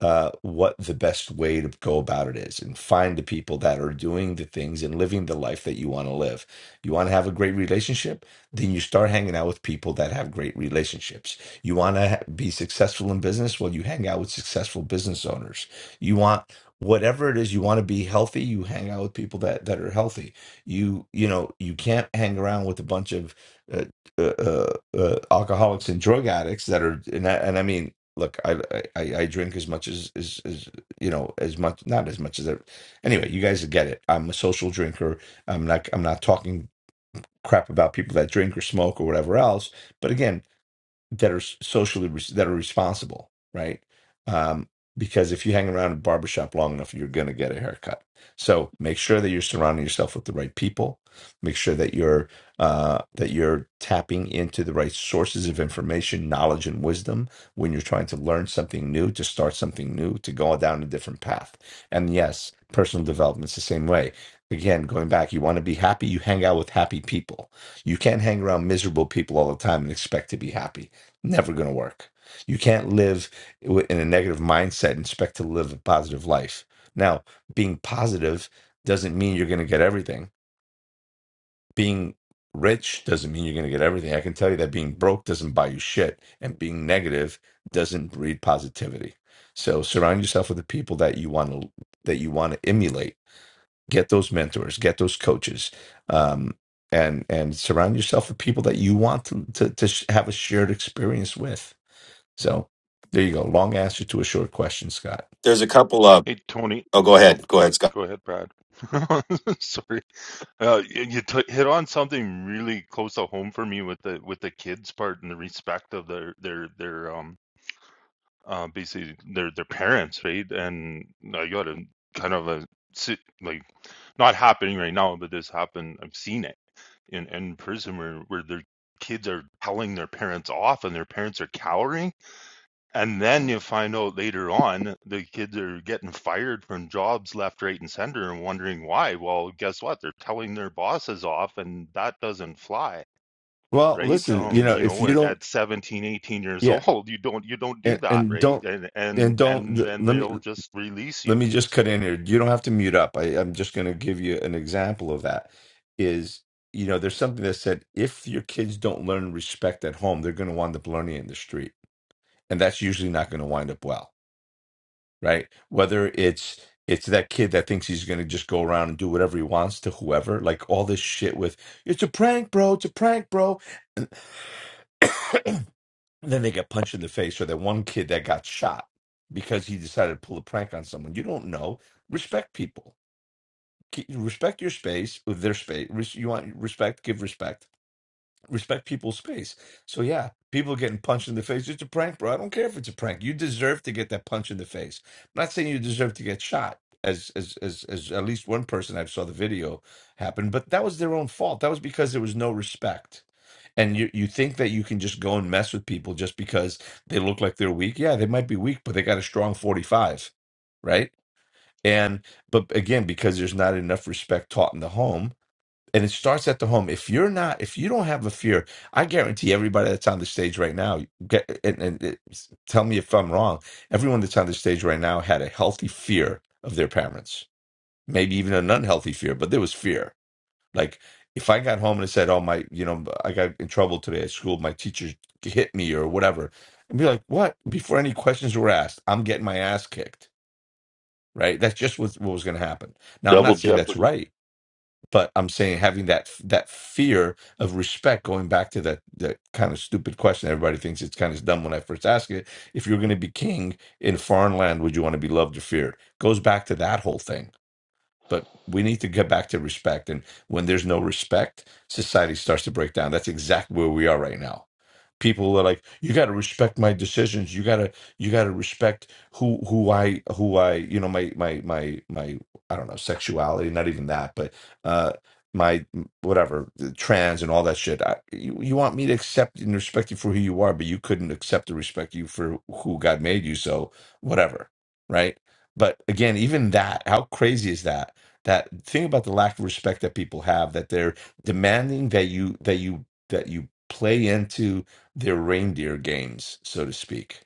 Speaker 1: uh, what the best way to go about it is and find the people that are doing the things and living the life that you want to live. You want to have a great relationship, then you start hanging out with people that have great relationships. You want to ha- be successful in business, well, you hang out with successful business owners. You want whatever it is you want to be healthy you hang out with people that that are healthy you you know you can't hang around with a bunch of uh, uh, uh, uh, alcoholics and drug addicts that are and I, and I mean look, I I I drink as much as as as you know as much not as much as I, anyway. You guys get it. I'm a social drinker. I'm not I'm not talking crap about people that drink or smoke or whatever else. But again, that are socially res- that are responsible, right? Um, because if you hang around a barbershop long enough, you're going to get a haircut. So make sure that you're surrounding yourself with the right people. Make sure that you're uh, that you're tapping into the right sources of information, knowledge, and wisdom when you're trying to learn something new, to start something new, to go down a different path. And yes, personal development's the same way. Again, going back, you want to be happy. You hang out with happy people. You can't hang around miserable people all the time and expect to be happy Never going to work. You can't live wi- in a negative mindset and expect to live a positive life. Now, being positive doesn't mean you're going to get everything. Being rich doesn't mean you're going to get everything. I can tell you that being broke doesn't buy you shit, and being negative doesn't breed positivity. So surround yourself with the people that you want to that you want to emulate. Get those mentors, get those coaches, um, and and surround yourself with people that you want to to, to sh- have a shared experience with so there you go. Long answer to a short question, Scott.
Speaker 2: there's a couple of
Speaker 3: Hey, Tony.
Speaker 2: oh go
Speaker 3: Oh,
Speaker 2: ahead go ahead scott
Speaker 3: go ahead, Brad. Sorry. Uh, you you t hit on something really close to home for me with the with the kids part and the respect of their their their um uh basically their their parents, right? And I got a kind of a sit like not happening right now, but this happened. I've seen it in in prison where where their kids are telling their parents off and their parents are cowering and then you find out later on the kids are getting fired from jobs left, right, and center and wondering why. Well, guess what? They're telling their bosses off, and that doesn't fly,
Speaker 1: Well,
Speaker 3: right?
Speaker 1: listen, you
Speaker 3: Um,
Speaker 1: know,
Speaker 3: you
Speaker 1: if
Speaker 3: know,
Speaker 1: you
Speaker 3: at,
Speaker 1: don't,
Speaker 3: at 17, eighteen years
Speaker 1: yeah,
Speaker 3: old, you don't you don't do
Speaker 1: and,
Speaker 3: that,
Speaker 1: and
Speaker 3: right?
Speaker 1: don't,
Speaker 3: And
Speaker 1: and
Speaker 3: and
Speaker 1: don't,
Speaker 3: and then
Speaker 1: let me,
Speaker 3: they'll just release you.
Speaker 1: let me just cut in here. You don't have to mute up. I, I'm just going to give you an example of that is, you know, there's something that said if your kids don't learn respect at home, they're going to wind up learning it in the street. and that's usually not going to wind up well right whether it's it's that kid that thinks he's going to just go around and do whatever he wants to whoever like all this shit with it's a prank bro it's a prank bro and then they get punched in the face or that one kid that got shot because he decided to pull a prank on someone you don't know respect people Keep- respect your space uh, their space Res- you want respect give respect respect people's space. So yeah, people are getting punched in the face. It's a prank, bro. I don't care if it's a prank. You deserve to get that punch in the face. I'm not saying you deserve to get shot. As, as as as at least one person I saw the video happen, but that was their own fault. That was because there was no respect, and you you think that you can just go and mess with people just because they look like they're weak. Yeah, they might be weak, but they got a strong forty five, right? And but again, because there's not enough respect taught in the home, and it starts at the home. If you're not, if you don't have a fear, I guarantee everybody that's on the stage right now. Get, and, and it, tell me if I'm wrong. Everyone that's on the stage right now had a healthy fear of their parents, maybe even an unhealthy fear, but there was fear. Like if I got home and it said, "Oh my, you know, I got in trouble today at school. My teacher hit me or whatever," and be like, "What?" Before any questions were asked, I'm getting my ass kicked. Right? That's just what, what was going to happen. Now, I'm
Speaker 5: double
Speaker 1: not saying that's
Speaker 5: jeopardy.
Speaker 1: right but I'm saying having that that fear of respect, going back to that that kind of stupid question. Everybody thinks it's kind of dumb when I first ask it. If you're going to be king in a foreign land, would you want to be loved or feared? Goes back to that whole thing. But we need to get back to respect. And when there's no respect, society starts to break down. That's exactly where we are right now people are like you got to respect my decisions you got to you got to respect who who i who i you know my my my my i don't know sexuality not even that but uh my whatever the trans and all that shit I, you, you want me to accept and respect you for who you are but you couldn't accept and respect you for who god made you so whatever right but again even that how crazy is that that thing about the lack of respect that people have that they're demanding that you that you that you play into their reindeer games, so to speak,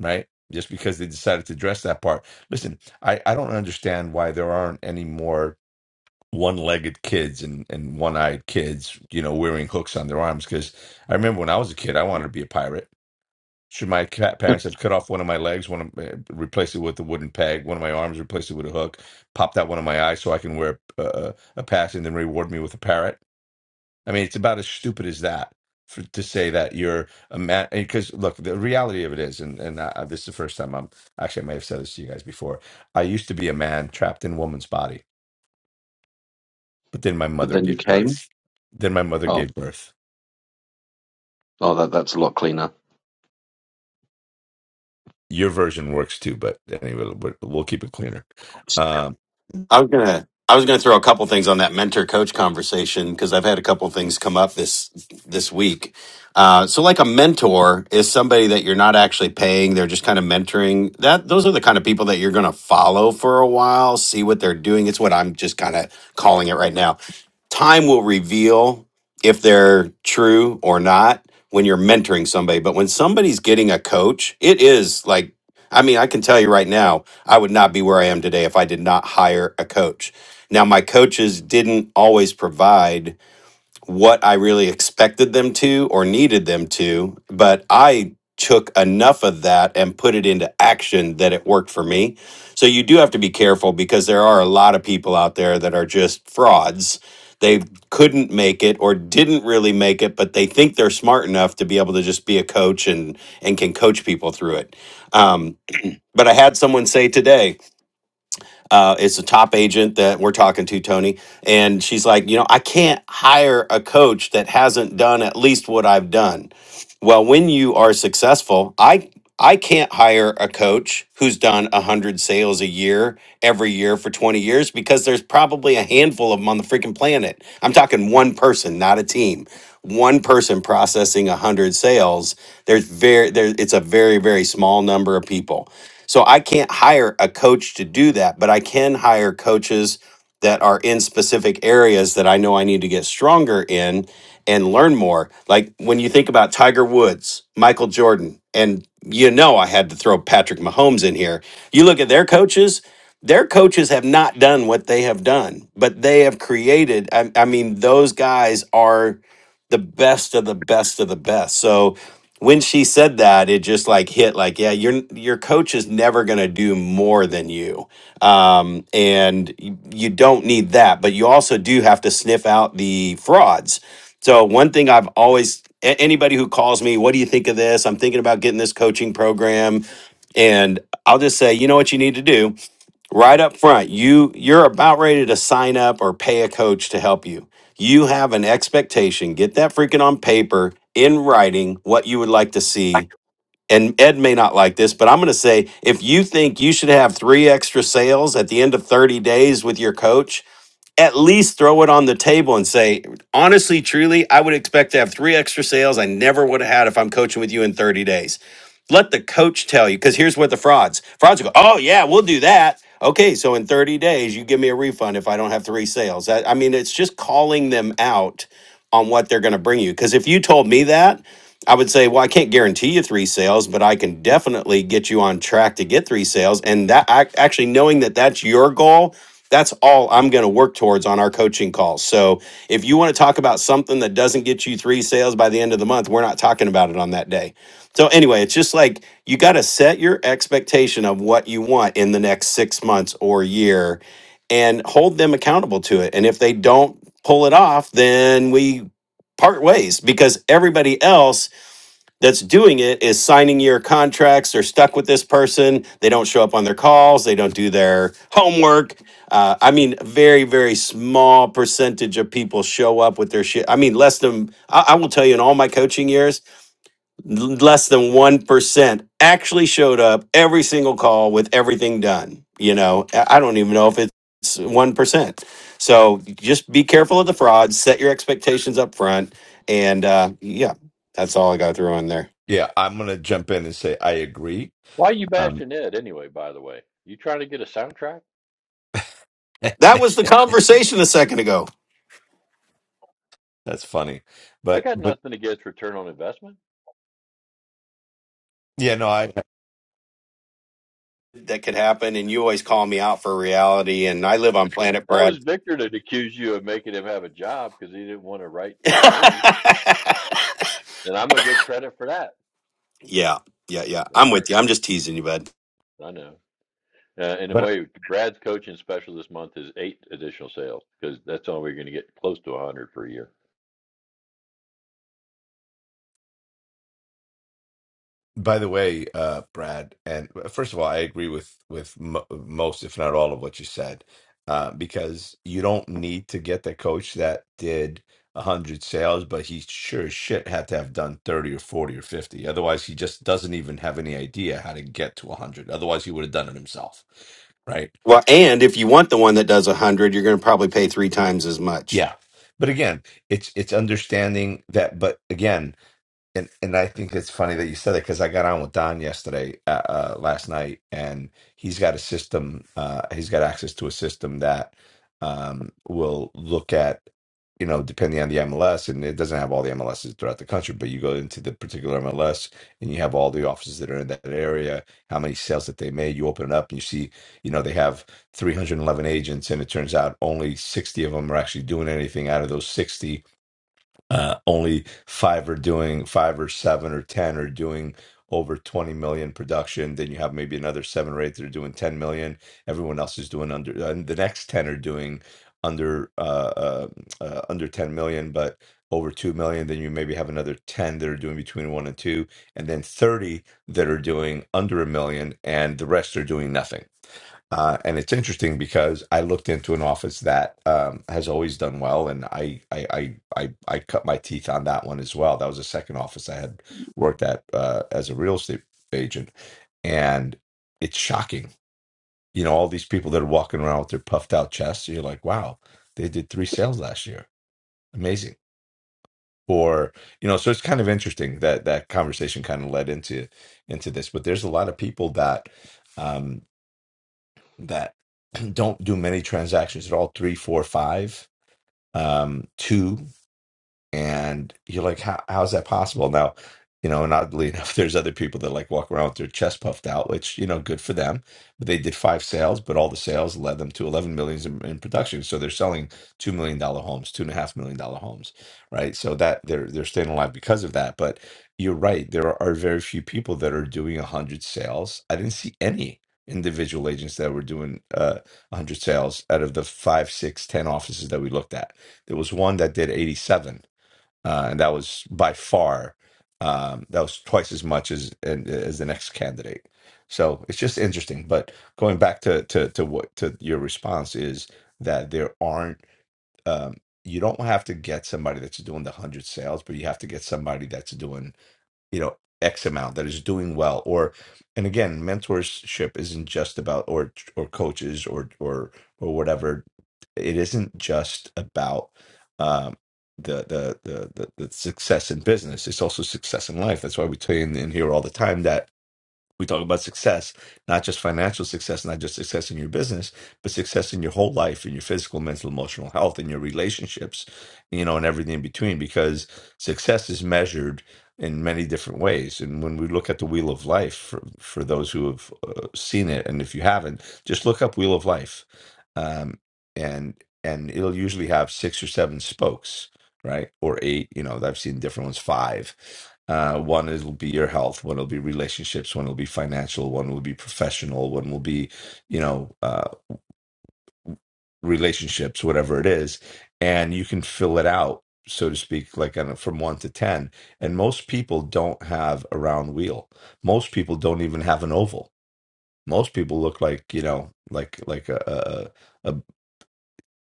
Speaker 1: right? Just because they decided to dress that part. Listen, I, I don't understand why there aren't any more one legged kids and, and one eyed kids, you know, wearing hooks on their arms. Because I remember when I was a kid, I wanted to be a pirate. Should my cat parents have cut off one of my legs, one of, uh, replaced it with a wooden peg, one of my arms replace it with a hook, popped out one of my eyes so I can wear a, a, a patch and then reward me with a parrot? I mean, it's about as stupid as that for, to say that you're a man. Because look, the reality of it is, and and uh, this is the first time I'm actually I may have said this to you guys before. I used to be a man trapped in a woman's body, but then my
Speaker 4: but
Speaker 1: mother
Speaker 4: then you
Speaker 1: gave
Speaker 4: came.
Speaker 1: birth. Then my mother
Speaker 4: Oh,
Speaker 1: gave birth.
Speaker 4: oh, that that's a lot cleaner.
Speaker 1: Your version works too, but anyway, we'll, we'll keep it cleaner. Um,
Speaker 2: i was gonna i was gonna throw a couple things on that mentor coach conversation because i've had a couple things come up this this week uh, so like a mentor is somebody that you're not actually paying they're just kind of mentoring that those are the kind of people that you're gonna follow for a while see what they're doing it's what i'm just kind of calling it right now time will reveal if they're true or not when you're mentoring somebody but when somebody's getting a coach it is like I mean, I can tell you right now, I would not be where I am today if I did not hire a coach. Now, my coaches didn't always provide what I really expected them to or needed them to, but I took enough of that and put it into action that it worked for me. So you do have to be careful because there are a lot of people out there that are just frauds. They couldn't make it or didn't really make it, but they think they're smart enough to be able to just be a coach and and can coach people through it. Um, but I had someone say today, uh, it's a top agent that we're talking to, Tony, and she's like, you know, I can't hire a coach that hasn't done at least what I've done. Well, when you are successful, I I can't hire a coach who's done 100 sales a year every year for 20 years because there's probably a handful of them on the freaking planet. I'm talking one person, not a team. One person processing 100 sales. There's very there it's a very very small number of people. So I can't hire a coach to do that, but I can hire coaches that are in specific areas that I know I need to get stronger in and learn more. Like when you think about Tiger Woods, Michael Jordan, and you know I had to throw Patrick Mahomes in here. You look at their coaches, their coaches have not done what they have done, but they have created I, I mean those guys are the best of the best of the best. So when she said that, it just like hit like, yeah, your your coach is never gonna do more than you, um, and you, you don't need that, but you also do have to sniff out the frauds. So one thing I've always a- anybody who calls me, what do you think of this? I'm thinking about getting this coaching program, and I'll just say, you know what you need to do right up front you you're about ready to sign up or pay a coach to help you you have an expectation get that freaking on paper in writing what you would like to see and ed may not like this but i'm going to say if you think you should have three extra sales at the end of 30 days with your coach at least throw it on the table and say, honestly, truly, I would expect to have three extra sales I never would have had if I'm coaching with you in 30 days. Let the coach tell you, because here's what the frauds frauds go, oh, yeah, we'll do that. Okay, so in 30 days, you give me a refund if I don't have three sales. That, I mean, it's just calling them out on what they're going to bring you. Because if you told me that, I would say, well, I can't guarantee you three sales, but I can definitely get you on track to get three sales. And that I, actually knowing that that's your goal, that's all I'm going to work towards on our coaching calls. So if you want to talk about something that doesn't get you three sales by the end of the month, we're not talking about it on that day. So anyway, it's just like you got to set your expectation of what you want in the next six months or year and hold them accountable to it. And if they don't pull it off, then we part ways because everybody else that's doing it is signing your contracts. They're stuck with this person. They don't show up on their calls. They don't do their homework. Uh, I mean, very, very small percentage of people show up with their shit. I mean, less than, I, I will tell you in all my coaching years, l- less than 1% actually showed up every single call with everything done. You know, I I don't even know if it's 1%. So just be careful of the fraud, set your expectations up front. And uh, yeah, that's all I got to throw in there.
Speaker 1: yeah, I'm gonna jump in and say I agree.
Speaker 5: Why are you
Speaker 1: Um,
Speaker 5: bashing Ed anyway, by the way? You trying to get a soundtrack?
Speaker 2: That was the conversation a second ago.
Speaker 1: that's funny,
Speaker 5: I
Speaker 1: but
Speaker 5: got
Speaker 1: but
Speaker 5: nothing against return on investment.
Speaker 1: yeah, no, I
Speaker 2: That could happen, and you always call me out for reality, and I live on planet
Speaker 5: That was
Speaker 2: Brad.
Speaker 5: Victor that accused you of making him have a job because he didn't want to write his neighbors.
Speaker 2: yeah,
Speaker 5: Then I'm going to get credit for that.
Speaker 2: yeah, yeah.
Speaker 5: All
Speaker 2: I'm
Speaker 5: right.
Speaker 2: with you. I'm just teasing you, bud.
Speaker 5: I know. Uh, in a
Speaker 1: but
Speaker 5: way, Brad's coaching special this month is eight additional sales because that's all we're going to get close to 100 per year.
Speaker 1: By the way, uh, Brad, and uh, first of all, I agree with with mo most, if not all, of what you said, uh, because you don't need to get the coach that did a hundred sales, but he sure as shit had to have done thirty or forty or fifty. Otherwise, he just doesn't even have any idea how to get to a hundred. Otherwise, he would have done it himself, right?
Speaker 2: Well, and if you want the one that does a hundred, you're going to probably pay three times as much.
Speaker 1: Yeah, but again, it's it's understanding that. But again, And and I think it's funny that you said it because I got on with Don yesterday, uh, uh, last night, and he's got a system. Uh, he's got access to a system that um, will look at, you know, depending on the MLS, and it doesn't have all the MLSs throughout the country, but you go into the particular MLS and you have all the offices that are in that area, how many sales that they made. You open it up and you see, you know, they have 311 agents, and it turns out only 60 of them are actually doing anything out of those 60 uh, only five are doing five or seven or ten are doing over 20 million production then you have maybe another seven or eight that are doing 10 million everyone else is doing under and the next 10 are doing under uh, uh, uh, under 10 million but over 2 million then you maybe have another 10 that are doing between 1 and 2 and then 30 that are doing under a million and the rest are doing nothing uh, and it's interesting because I looked into an office that um, has always done well, and I, I I I I cut my teeth on that one as well. That was the second office I had worked at uh, as a real estate agent, and it's shocking. You know, all these people that are walking around with their puffed out chests. and You're like, wow, they did three sales last year, amazing. Or you know, so it's kind of interesting that that conversation kind of led into into this. But there's a lot of people that. Um, that don't do many transactions at all three four five um two and you're like how, how's that possible now you know and oddly enough there's other people that like walk around with their chest puffed out which you know good for them but they did five sales but all the sales led them to 11 millions in, in production so they're selling two million dollar homes two and a half million dollar homes right so that they're they're staying alive because of that but you're right there are very few people that are doing 100 sales i didn't see any individual agents that were doing uh 100 sales out of the five six ten offices that we looked at there was one that did 87 uh, and that was by far um, that was twice as much as as the next candidate. So it's just interesting. But going back to to to what to your response is that there aren't um, you don't have to get somebody that's doing the hundred sales, but you have to get somebody that's doing you know x amount that is doing well or and again mentorship isn't just about or or coaches or or or whatever it isn't just about um the the the the, the success in business it's also success in life that's why we tell you in, in here all the time that we talk about success, not just financial success, not just success in your business, but success in your whole life, in your physical, mental, emotional health, in your relationships, you know, and everything in between, because success is measured in many different ways. And when we look at the Wheel of Life, for, for those who have uh, seen it, and if you haven't, just look up Wheel of Life, um, and and it'll usually have six or seven spokes right? Or eight, you know, I've seen different ones, five. Uh, one is will be your health, one will be relationships, one will be financial, one will be professional, one will be, you know, uh, relationships, whatever it is. And you can fill it out, so to speak, like on a, from one to 10. And most people don't have a round wheel. Most people don't even have an oval. Most people look like, you know, like, like a, a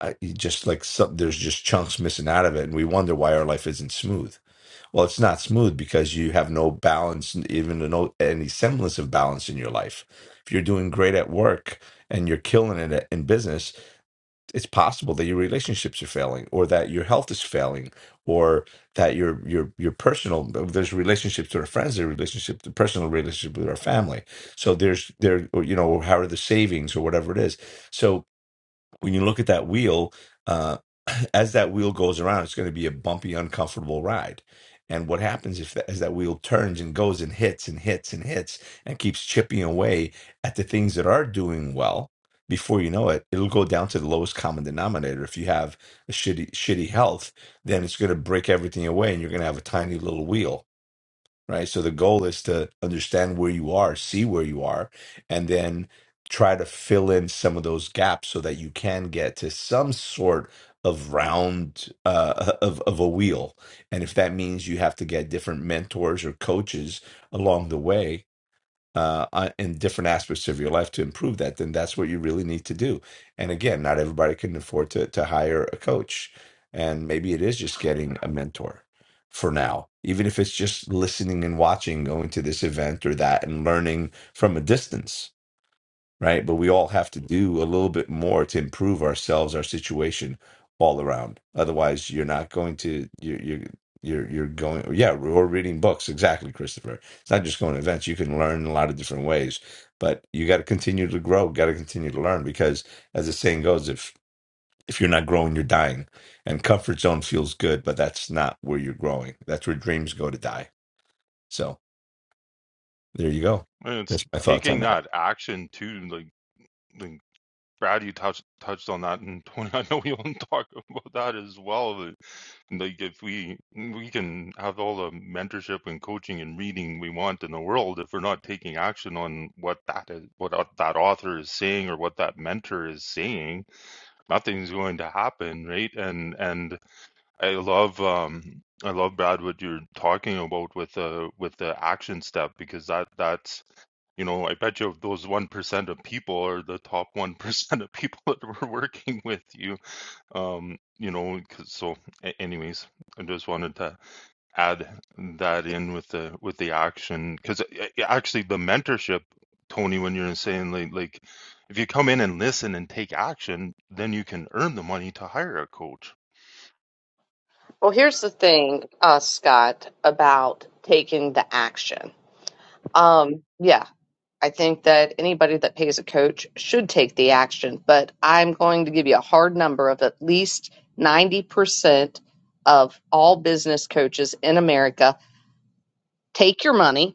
Speaker 1: I, you just like some, there's just chunks missing out of it, and we wonder why our life isn't smooth. Well, it's not smooth because you have no balance, even no any semblance of balance in your life. If you're doing great at work and you're killing it at- in business, it's possible that your relationships are failing, or that your health is failing, or that your your your personal there's relationships with our friends, there's relationship, the personal relationship with our family. So there's there or, you know how are the savings or whatever it is. So when you look at that wheel, uh, as that wheel goes around, it's going to be a bumpy, uncomfortable ride. And what happens if as that wheel turns and goes and hits and hits and hits and keeps chipping away at the things that are doing well? Before you know it, it'll go down to the lowest common denominator. If you have a shitty, shitty health, then it's going to break everything away, and you're going to have a tiny little wheel right? So the goal is to understand where you are, see where you are, and then try to fill in some of those gaps so that you can get to some sort of round uh, of of a wheel. And if that means you have to get different mentors or coaches along the way, uh, on- in different aspects of your life to improve that, then that's what you really need to do. And again, not everybody can afford to to hire a coach, and maybe it is just getting a mentor for now. Even if it's just listening and watching, going to this event or that, and learning from a distance right? But we all have to do a little bit more to improve ourselves, our situation all around. Otherwise, you're not going to you you you're you're going yeah or reading books exactly christopher it's not just going to events you can learn in a lot of different ways but you got to continue to grow got to continue to learn because as the saying goes if if you're not growing you're dying and comfort zone feels good but that's not where you're growing that's where dreams go to die so there you go.
Speaker 3: And it's
Speaker 1: That's my thoughts on
Speaker 3: taking
Speaker 1: that.
Speaker 3: that action too, like. like Brad, you touched touched on that, and Tony, I know we all talk about that as well. like if we we can have all the mentorship and coaching and reading we want in the world, if we're not taking action on what that is, what that author is saying or what that mentor is saying, nothing's going to happen, right? And and I love um I love Brad what you're talking about with the with the action step because that that's you know, I bet you of those 1% of people are the top 1% of people that were working with you. Um, you know, 'cause- so a- anyways, I just wanted to add that in with the with the action because actually the mentorship, Tony, when you're saying like like if you come in and listen and take action, then you can earn the money to hire a coach.
Speaker 7: Well, here's the thing, uh, Scott, about taking the action. Um, yeah, I think that anybody that pays a coach should take the action, but I'm going to give you a hard number of at least ninety percent of all business coaches in America take your money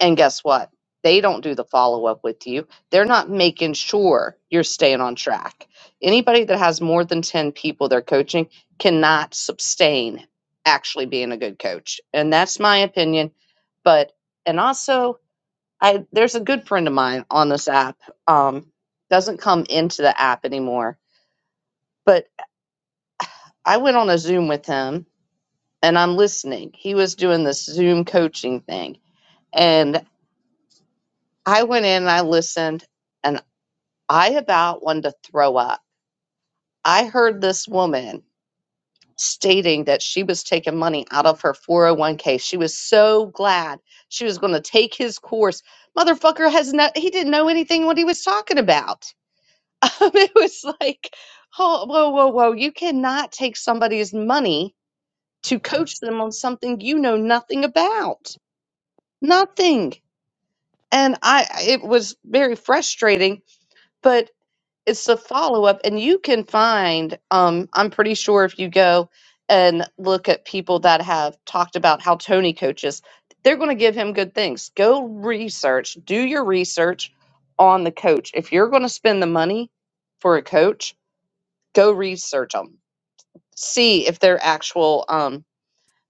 Speaker 7: and guess what they don't do the follow up with you they're not making sure you're staying on track anybody that has more than 10 people they're coaching cannot sustain actually being a good coach and that's my opinion but and also i there's a good friend of mine on this app um doesn't come into the app anymore but i went on a zoom with him and i'm listening he was doing this zoom coaching thing and. I went in and I listened, and I about wanted to throw up. I heard this woman stating that she was taking money out of her 401k. She was so glad she was going to take his course. Motherfucker has no, he didn't know anything what he was talking about. Um, it was like, oh, whoa, whoa, whoa. You cannot take somebody's money to coach them on something you know nothing about. Nothing. And I, it was very frustrating, but it's the follow up, and you can find. Um, I'm pretty sure if you go and look at people that have talked about how Tony coaches, they're going to give him good things. Go research, do your research on the coach. If you're going to spend the money for a coach, go research them. See if they're actual um,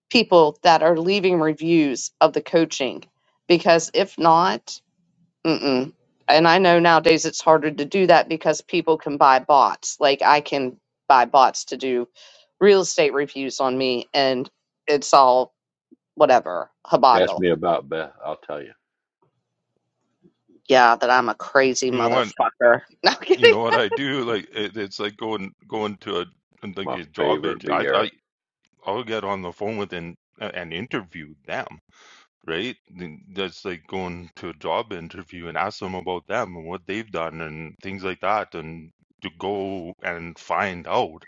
Speaker 7: people that are leaving reviews of the coaching, because if not, Mm-mm. And I know nowadays it's harder to do that because people can buy bots. Like I can buy bots to do real estate reviews on me, and it's all whatever
Speaker 5: Ask
Speaker 7: haboggle.
Speaker 5: me about Beth. I'll tell you.
Speaker 7: Yeah, that I'm a crazy
Speaker 3: You know what?
Speaker 7: motherfucker. No I'm
Speaker 3: You
Speaker 7: kidding.
Speaker 3: know what I do? Like it, it's like going going to a like
Speaker 5: My
Speaker 3: a job
Speaker 5: favorite
Speaker 3: interview. I,
Speaker 5: Vieira.
Speaker 3: I I'll get on the phone with and and interview them, right? Then That's like going to a job interview and ask them about them and what they've done and things like that, and to go and find out,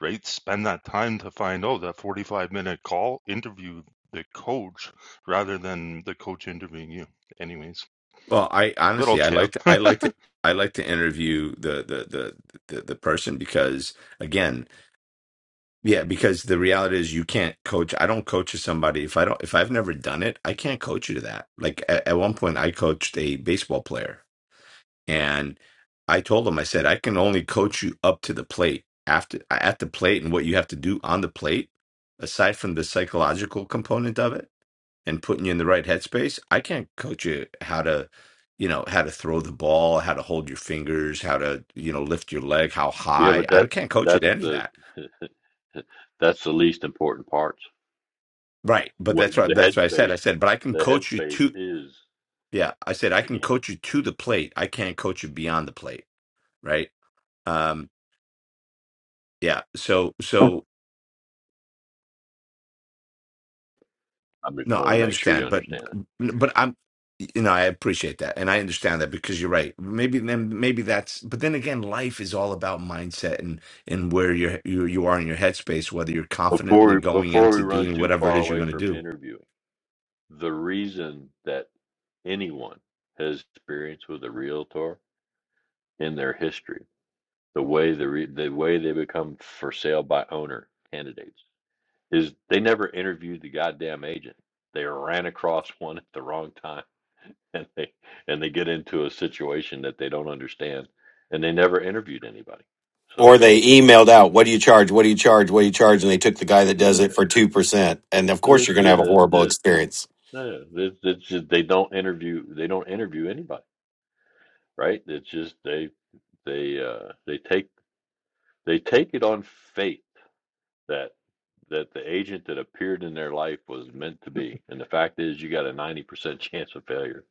Speaker 3: right? Spend that time to find out that forty-five minute call interview the coach rather than the coach interviewing you. Anyways,
Speaker 1: Well, I
Speaker 3: little
Speaker 1: honestly, I
Speaker 3: tip.
Speaker 1: like to, I like to, I like to interview the the the the, the person because again, yeah, because the reality is you can't coach. I don't coach to somebody if I don't if I've never done it, I can't coach you to that. Like at, at one point, I coached a baseball player. And I told him, I said, I can only coach you up to the plate. After at the plate and what you have to do on the plate, aside from the psychological component of it and putting you in the right headspace, I can't coach you how to, you know, how to throw the ball, how to hold your fingers, how to, you know, lift your leg, how
Speaker 5: Yeah,
Speaker 1: high.
Speaker 5: but
Speaker 1: I
Speaker 5: that's
Speaker 1: can't coach you
Speaker 5: that's
Speaker 1: to any of
Speaker 5: the
Speaker 1: that.
Speaker 5: that's the least important part.
Speaker 1: Right. But
Speaker 5: What
Speaker 1: that's
Speaker 5: the
Speaker 1: what that's what I said.
Speaker 5: headspace
Speaker 1: I said, but I can
Speaker 5: the
Speaker 1: coach you
Speaker 5: headspace
Speaker 1: to
Speaker 5: is
Speaker 1: yeah, I said I
Speaker 5: the
Speaker 1: can
Speaker 5: game.
Speaker 1: coach you to the plate. I can't coach you beyond the plate. Right. Um yeah. So so
Speaker 5: I just
Speaker 1: No,
Speaker 5: want to
Speaker 1: I
Speaker 5: make sure you
Speaker 1: understand, but
Speaker 5: understand it.
Speaker 1: but I'm you know, I appreciate that and I understand that because you're right. Maybe then maybe that's but then again, life is all about mindset and and where you're you you are in your headspace, whether you're confidently
Speaker 5: Before
Speaker 1: going
Speaker 5: before we
Speaker 1: into
Speaker 5: run
Speaker 1: doing
Speaker 5: too
Speaker 1: whatever it
Speaker 5: far
Speaker 1: is you're
Speaker 5: away
Speaker 1: going to
Speaker 5: from
Speaker 1: do.
Speaker 5: interviewing, the reason that anyone has experience with a realtor in their history, the way the re, the way they become for sale by owner candidates is they never interviewed the goddamn agent. They ran across one at the wrong time and they and they get into a situation that they don't understand and they never interviewed anybody
Speaker 2: Or
Speaker 5: so
Speaker 2: they emailed out, "What do you charge? What do you charge? What do you charge?" And they took the guy that does
Speaker 5: yeah
Speaker 2: it for two percent, and of course
Speaker 5: that's
Speaker 2: you're going to
Speaker 5: it,
Speaker 2: have a
Speaker 5: that's
Speaker 2: horrible
Speaker 5: it.
Speaker 2: experience,
Speaker 5: Yeah, that's, that's just, they don't interview they don't interview anybody right it's just they they uh they take they take it on faith that that the agent that appeared in their life was meant to be and the fact is you got a 90% chance of failure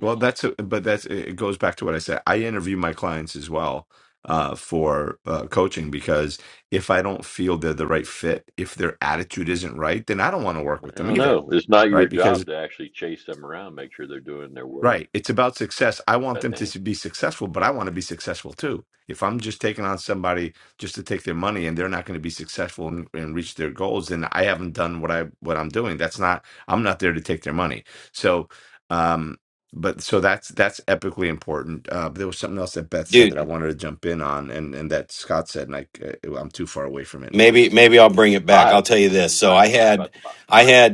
Speaker 1: Well, that's a, but that's it goes back to what I said. I interview my clients as well uh for uh coaching because if I don't feel they're the right fit, if their attitude isn't right, then I don't want to work with
Speaker 5: i
Speaker 1: them
Speaker 5: don't
Speaker 1: either.
Speaker 5: know it's not your
Speaker 1: Right?
Speaker 5: job to actually chase them around make sure they're doing their work
Speaker 1: Right. It's about success. I want them to
Speaker 5: Bethany.
Speaker 1: s- be successful, but I want to be successful too. If I'm just taking on somebody just to take their money and they're not going to be successful and, and reach their goals, then I haven't done what I what I'm doing. That's not I'm not there to take their money. So um but so that's that's epically important. Uh, there was something else that Beth said that I
Speaker 2: dude.
Speaker 1: wanted to jump in on, and and that Scott said, and I, uh, I'm too far away from it now.
Speaker 2: Maybe maybe I'll bring it back.
Speaker 5: Vibe.
Speaker 2: I'll tell you
Speaker 5: It's a
Speaker 2: this. So
Speaker 5: vibe.
Speaker 2: I
Speaker 5: It's
Speaker 2: had
Speaker 5: about the vibe.
Speaker 2: I had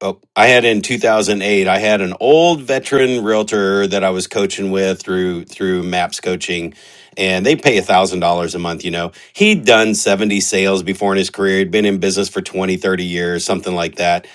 Speaker 2: oh, I had in 2008, I had an old veteran realtor that I was coaching with through through Maps Coaching, and they pay $1,000 a month, you know. He'd done 70 sales before in his career. He'd been in business for 20, 30 years, something like that.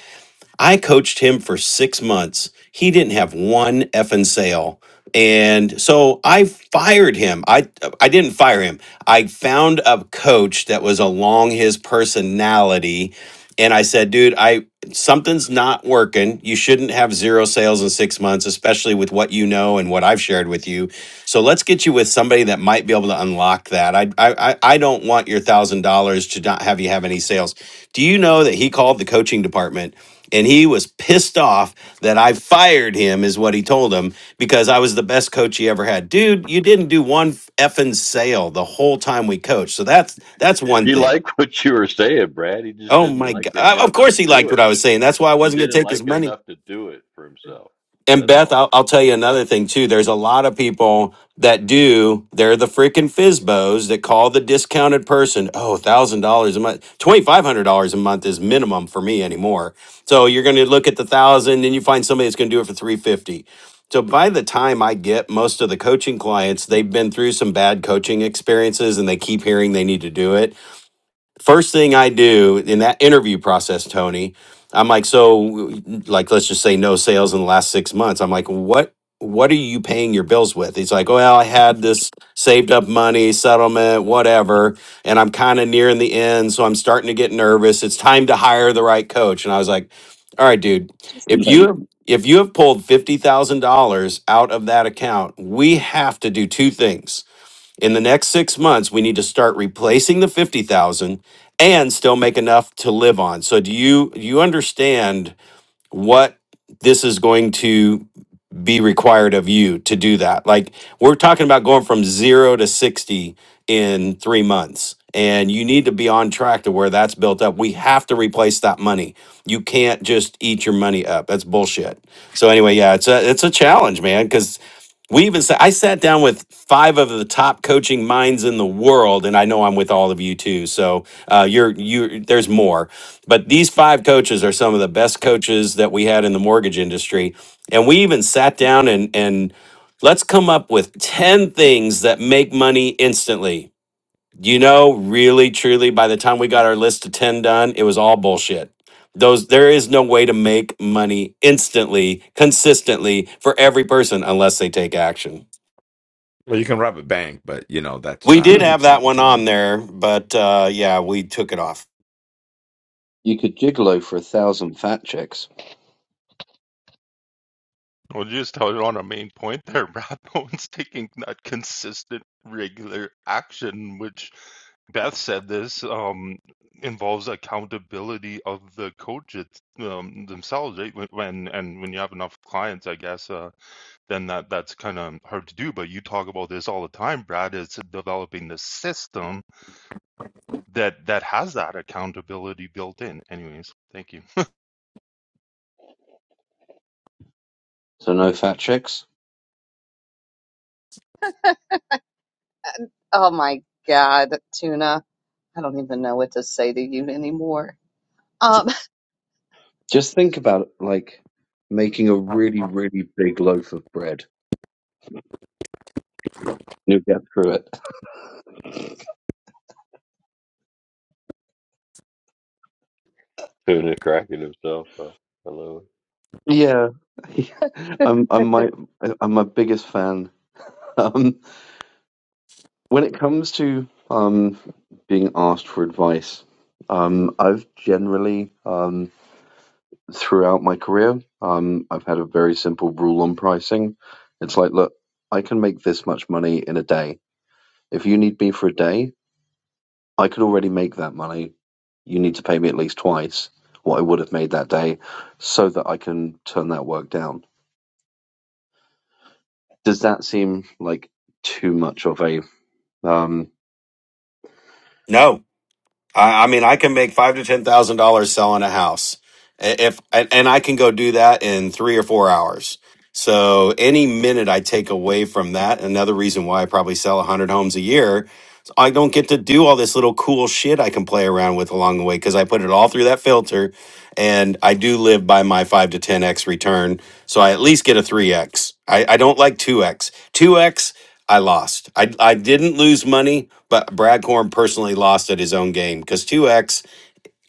Speaker 2: I coached him for 6 months. He didn't have one effing sale. And so I fired him. I I didn't fire him. I found a coach that was along his personality and I said, dude, I something's not working. You shouldn't have zero sales in six months, especially with what you know and what I've shared with you. So let's get you with somebody that might be able to unlock that. I I I I don't want your thousand dollars to not have you have any sales. Do you know that he called the coaching department? And he was pissed off that I fired him, is what he told him, because I was the best coach he ever had. Dude, you didn't do one effing sale the whole time we coached. So that's that's one
Speaker 5: He
Speaker 2: thing.
Speaker 5: liked what you were saying, Brad. He just
Speaker 2: Oh
Speaker 5: didn't
Speaker 2: my
Speaker 5: like
Speaker 2: God!
Speaker 5: it
Speaker 2: Uh,
Speaker 5: enough
Speaker 2: Of
Speaker 5: to
Speaker 2: course he
Speaker 5: do
Speaker 2: liked what
Speaker 5: it.
Speaker 2: I was saying. That's why I
Speaker 5: He
Speaker 2: wasn't going to
Speaker 5: didn't
Speaker 2: take
Speaker 5: like
Speaker 2: his
Speaker 5: it
Speaker 2: money.
Speaker 5: enough to do it for himself.
Speaker 2: And
Speaker 5: That's
Speaker 2: Beth,
Speaker 5: all.
Speaker 2: I'll, I'll tell you another thing too. There's a lot of people that do. They're the freaking FISBOs that call the discounted person. Oh, thousand dollars a month, twenty five hundred dollars a month is minimum for me anymore. So you're going to look at the thousand, and you find somebody that's going to do it for three fifty. So by the time I get most of the coaching clients, they've been through some bad coaching experiences, and they keep hearing they need to do it first thing I do in that interview process, Tony, I'm like, so like let's just say no sales in the last six months. I'm like, what what are you paying your bills with? He's like, well, I had this saved up money, settlement, whatever, and I'm kind of nearing the end, so I'm starting to get nervous. It's time to hire the right coach. And I was like, all right, dude,
Speaker 4: It's too
Speaker 2: if
Speaker 4: late.
Speaker 2: you if you have pulled fifty thousand dollars out of that account, we have to do two things in the next six months, we need to start replacing the 50,000 and still make enough to live on. So do you do you understand what this is going to be required of you to do that? Like we're talking about going from 0 to 60 in 3 months and you need to be on track to where that's built up. We have to replace that money. You can't just eat your money up. That's bullshit. So anyway, yeah, it's a it's a challenge, man, cuz we even sa- I sat down with five of the top coaching minds in the world, and I know I'm with all of you too. So uh, you're you there's more, but these five coaches are some of the best coaches that we had in the mortgage industry, and we even sat down and and let's come up with ten things that make money instantly you know, really, truly, by the time we got our list of 10 done, it was all bullshit. Those there is no way to make money instantly, consistently for every person unless they take action.
Speaker 1: Well, you can rob a bank, but you know that's
Speaker 2: We
Speaker 1: not
Speaker 2: did have
Speaker 4: you
Speaker 1: that's
Speaker 2: that
Speaker 1: not what
Speaker 2: one
Speaker 1: you want to
Speaker 2: on
Speaker 1: do.
Speaker 2: there, but uh, yeah, we took it off.
Speaker 4: could gigolo for a thousand fat chicks.
Speaker 3: Well, just held on a main point there, Brad. No one's taking that consistent, regular action, which Beth said this um, involves accountability of the coach it's, um, themselves. Right? When when- and when you have enough clients, I guess, uh, then that that's kind of hard to do. But you talk about this all the time, Brad. It's developing the system that that has that accountability built in. Anyways, thank you.
Speaker 4: So no fat chicks.
Speaker 7: Oh my god, tuna. I don't even know what to say to you anymore. Um,
Speaker 4: Just think about it, like making a really, really big loaf of bread. You'll get through it.
Speaker 5: Doing it, cracking himself. Oh, hello.
Speaker 4: Yeah, I'm I'm my I'm my biggest fan. Um, when it comes to um being asked for advice, um, I've generally um throughout my career, um, I've had a very simple rule on pricing. It's like, look, I can make this much money in a day. If you need me for a day, I could already make that money. You need to pay me at least twice what I would have made that day, so that I can turn that work down Does that seem like too much of a um
Speaker 2: No, I, I mean I can make five to ten thousand dollars selling a house, I- if and and I can go do that in three or four hours. So any minute I take away from that, another reason why I probably sell a hundred homes a year So I don't get to do all this little cool shit I can play around with along the way because I put it all through that filter and I do live by my 5 to 10x return. So I at least get a 3x. I, I don't like 2x. 2x, I lost. I, I didn't lose money, but Brad Korn personally lost at his own game because 2x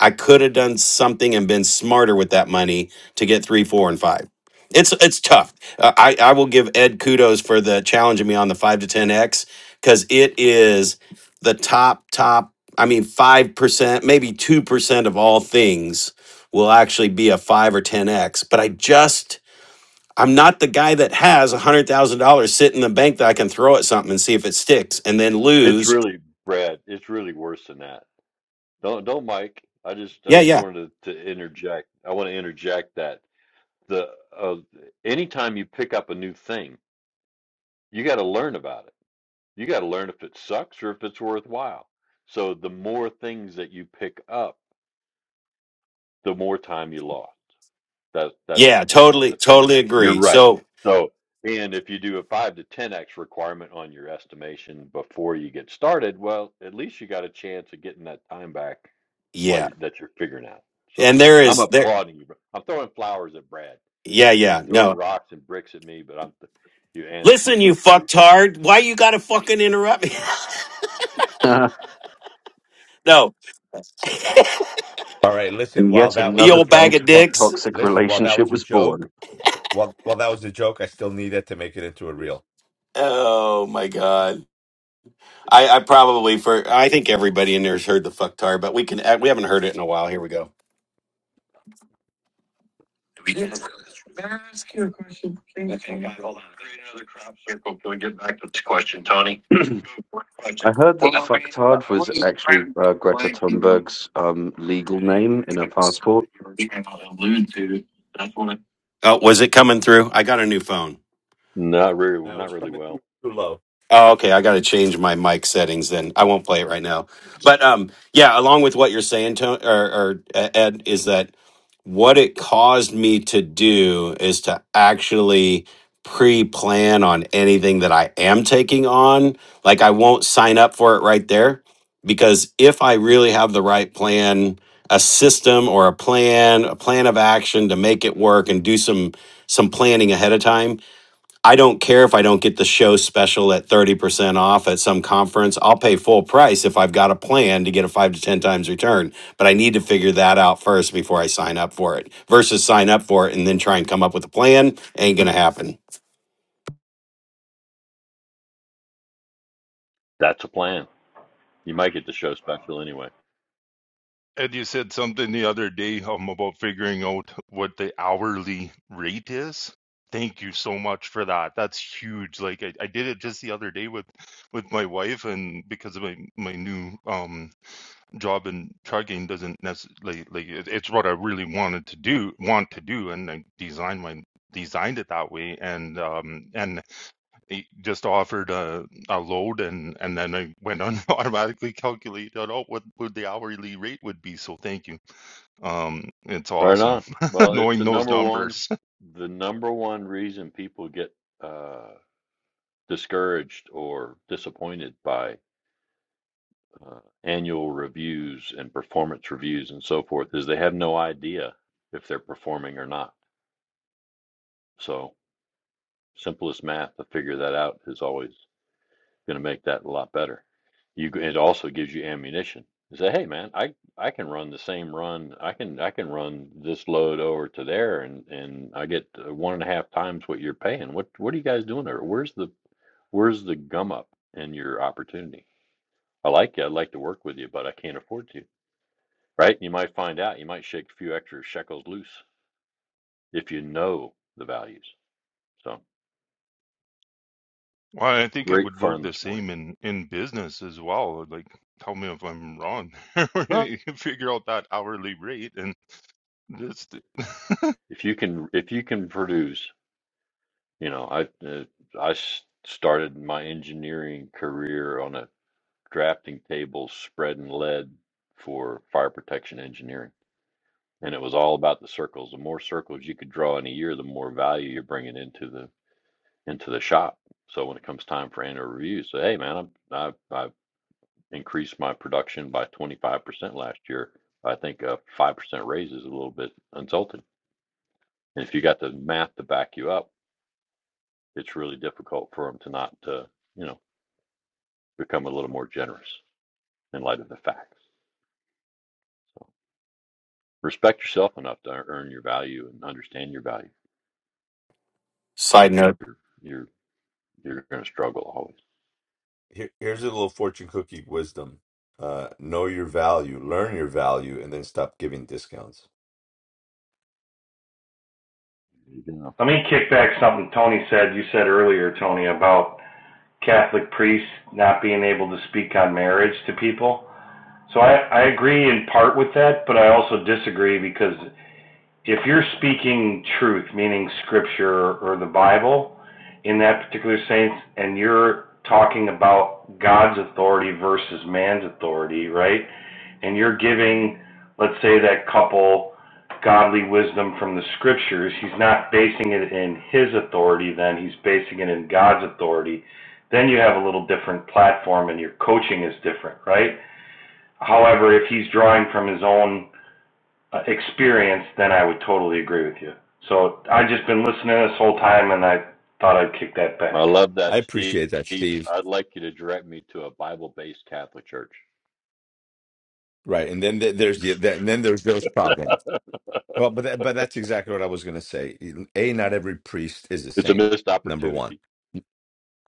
Speaker 2: I could have done something and been smarter with that money to get three, four, and five. It's it's tough. Uh, I I will give Ed kudos for the challenging me on the five to ten x because it is the top top. I mean, five percent, maybe two percent of all things will actually be a five or ten x. But I just I'm not the guy that has a hundred thousand dollars sit in the bank that I can throw at something and see if it sticks and then
Speaker 5: It's
Speaker 2: lose.
Speaker 5: really Brad. It's really worse than that. Don't don't Mike. I just I
Speaker 2: Yeah,
Speaker 5: just
Speaker 2: yeah,
Speaker 5: wanted to, to interject. I want to interject that the uh, anytime you pick up a new thing, you got to learn about it. You got to learn if it sucks or if it's worthwhile. So the more things that you pick up the more time you lost. That's that's the
Speaker 2: yeah.
Speaker 5: point I
Speaker 2: Totally,
Speaker 5: wanted to throw in
Speaker 2: totally
Speaker 5: there. You're
Speaker 2: agree.
Speaker 5: right.
Speaker 2: So.
Speaker 5: So, and if you do a five to ten x requirement on your estimation before you get started, well, at least you got a chance of getting that time back while
Speaker 2: Yeah.
Speaker 5: you, that you're figuring out. So,
Speaker 2: And there
Speaker 5: I'm
Speaker 2: is there
Speaker 5: applauding you. bro. I'm throwing flowers at Brad.
Speaker 2: yeah,
Speaker 5: He's
Speaker 2: yeah.
Speaker 5: throwing
Speaker 2: No.
Speaker 5: rocks and bricks at me, but I'm th- you
Speaker 2: Listen, you
Speaker 5: Antifa coach.
Speaker 2: fucktard. Why you gotta fucking interrupt me?
Speaker 4: ah,
Speaker 2: no.
Speaker 1: All right, listen.
Speaker 4: and
Speaker 1: While
Speaker 4: yet
Speaker 1: that was
Speaker 2: You
Speaker 1: a
Speaker 4: another
Speaker 2: old bag
Speaker 1: joke,
Speaker 2: of
Speaker 4: beautiful
Speaker 1: what,
Speaker 2: dicks.
Speaker 4: toxic
Speaker 1: listen. While that
Speaker 4: relationship
Speaker 1: was a
Speaker 4: was
Speaker 1: joke,
Speaker 4: born.
Speaker 1: while while that was a joke, I still need it to make it into a reel.
Speaker 2: Oh my god. I, I probably for I think everybody in there's heard the fucktard, but we can uh, we haven't heard it in a while. Here we go.
Speaker 4: I heard that fucktard was actually uh, Greta Thunberg's um, legal name in her passport.
Speaker 2: Oh, was it coming through? I got a new phone.
Speaker 5: Not really,
Speaker 1: That
Speaker 5: not
Speaker 1: was
Speaker 5: really
Speaker 1: coming through
Speaker 5: well.
Speaker 1: too low.
Speaker 2: Oh, okay. I got to change my mic settings then. I won't play it right now. But um, yeah, along with what you're saying, Tony, or, or uh, Ed, is that what it caused me to do is to actually pre-plan on anything that I am taking on. Like I won't sign up for it right there because if I really have the right plan, a system or a plan, a plan of action to make it work and do some some planning ahead of time I don't care if I don't get the show special at 30% off at some conference. I'll pay full price if I've got a plan to get a five to 10 times return. But I need to figure that out first before I sign up for it versus sign up for it and then try and come up with a plan. Ain't going to happen.
Speaker 5: That's a plan. You might get the show special anyway.
Speaker 3: And you said something the other day um, about figuring out what the hourly rate is. Thank you so much for that. That's huge. Like I, I did it just the other day with with my wife, and because of my my new um job in trucking doesn't necessarily like like, it, it's what I really wanted to do want to do, and I designed my designed it that way, and um and it just offered a a load and and then I went on automatically calculated out what, what the hourly rate would be. So thank you. Um, it's
Speaker 5: Right
Speaker 3: awesome
Speaker 5: on. Well, it's the
Speaker 3: knowing those
Speaker 5: number one,
Speaker 3: numbers.
Speaker 5: the number one reason people get uh, discouraged or disappointed by uh, annual reviews and performance reviews and so forth is they have no idea if they're performing or not. So simplest math to figure that out is always going to make that a lot better. You it also gives you ammunition. You say, hey man, I I can run the same run. I can I can run this load over to there, and and I get uh, one and a half times what you're paying. What what are you guys doing there? Where's the where's the gum up in your opportunity? I like you. I'd like to work with you, but I can't afford to. Right? You might find out. You might shake a few extra shekels loose if you know the values. So
Speaker 3: Well, I think it
Speaker 5: great
Speaker 3: would work
Speaker 5: fun
Speaker 3: the
Speaker 5: this morning.
Speaker 3: same in in business as well. Like, tell me if I'm wrong.
Speaker 5: Huh.
Speaker 3: You can Figure out that hourly rate and just
Speaker 5: If you can if you can produce You know, I uh, I s- started my engineering career on a drafting table spreading lead for fire protection engineering, and it was all about the circles. The more circles you could draw in a year, the more value you're bringing into the into the shop. So when it comes time for annual review, say, hey man, I I, I increased my production by 25% last year. I think a 5% raise is a little bit insulting. And if you got the math to back you up, it's really difficult for them to not uh, you know. become a little more generous in light of the facts. So respect yourself enough to earn your value and understand your value.
Speaker 2: Side note.
Speaker 5: You're you're you're going to struggle always.
Speaker 1: Here, here's a little fortune cookie wisdom. Uh, know your value, learn your value, and then stop giving discounts.
Speaker 5: You know.
Speaker 8: Let me kick back something Tony said. You said earlier, Tony, about Catholic priests not being able to speak on marriage to people. So I, I agree in part with that, but I also disagree because if you're speaking truth, meaning scripture or the Bible, in that particular sense, and you're talking about God's authority versus man's authority, right? and you're giving, let's say, that couple godly wisdom from the scriptures, he's not basing it in his authority, then he's basing it in God's authority. Then you have a little different platform and your coaching is different, right? However, if he's drawing from his own uh, experience, then I would totally agree with you. So I've just been listening this whole time and I thought I'd kick that
Speaker 5: I
Speaker 8: back.
Speaker 5: love that,
Speaker 1: I
Speaker 5: Steve.
Speaker 1: appreciate that, Steve.
Speaker 5: I'd like you to direct me to a Bible-based Catholic church.
Speaker 1: Right, and then th- there's the th- and then there's those problems. Well, but that, but that's exactly what I was going to say. E, A, not every priest is the
Speaker 5: It's a
Speaker 1: same.
Speaker 5: missed
Speaker 1: Number one.
Speaker 5: opportunity.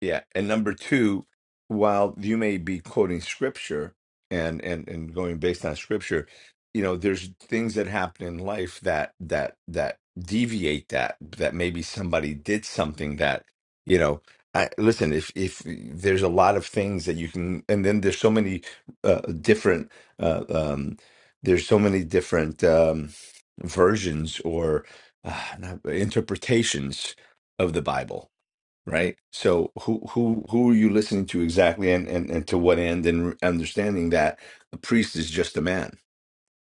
Speaker 1: Yeah. And number two, while you may be quoting scripture and and and going based on scripture, you know, there's things that happen in life that that that deviate that that maybe somebody did something that, you know, I listen, if if there's a lot of things that you can and then there's so many uh, different uh, um there's so many different um versions or uh, not- interpretations of the Bible right? So who who who are you listening to exactly, and and, and to what end, and understanding that a priest is just a man.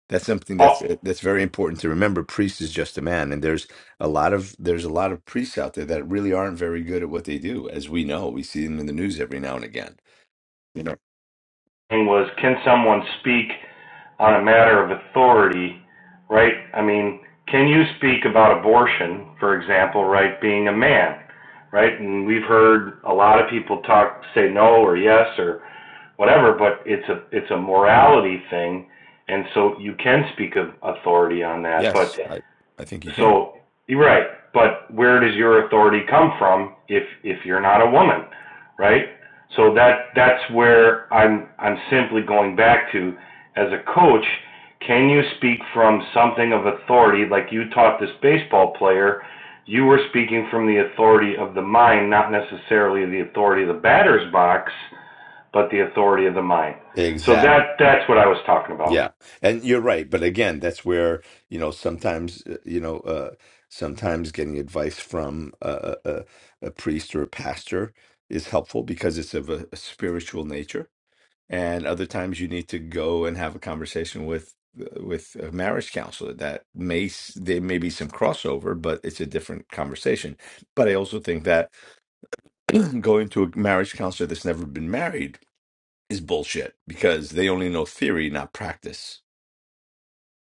Speaker 1: That's something that's
Speaker 8: All
Speaker 1: uh, that's very important to remember. Priest is just a man, and there's a lot of there's a lot of priests out there that really aren't very good at what they do, as we know. We see them in the news every now and again. You know,
Speaker 8: was, can someone speak on a matter of authority, right? I mean, can you speak about abortion, for example, right, being a man, right? And we've heard a lot of people talk, say no or yes or whatever, but it's a it's a morality thing, and so you can speak of authority on that. But
Speaker 1: yes, I I think you can
Speaker 8: so you're right, but where does your authority come from if if you're not a woman, right? So that that's where I'm I'm simply going back to as a coach, can you speak from something of authority like you taught this baseball player? You were speaking from the authority of the mind, not necessarily the authority of the batter's box, but the authority of the mind. So
Speaker 1: exactly.
Speaker 8: that that's what I was talking about.
Speaker 1: Yeah, and you're right. But again, that's where, you know, sometimes, uh, you know, uh, sometimes getting advice from a, a, a a priest or a pastor is helpful because it's of a, a spiritual nature. And other times you need to go and have a conversation with uh, with a marriage counselor. That may s- there may be some crossover, but it's a different conversation. But I also think that going to a marriage counselor that's never been married is bullshit because they only know theory, not practice,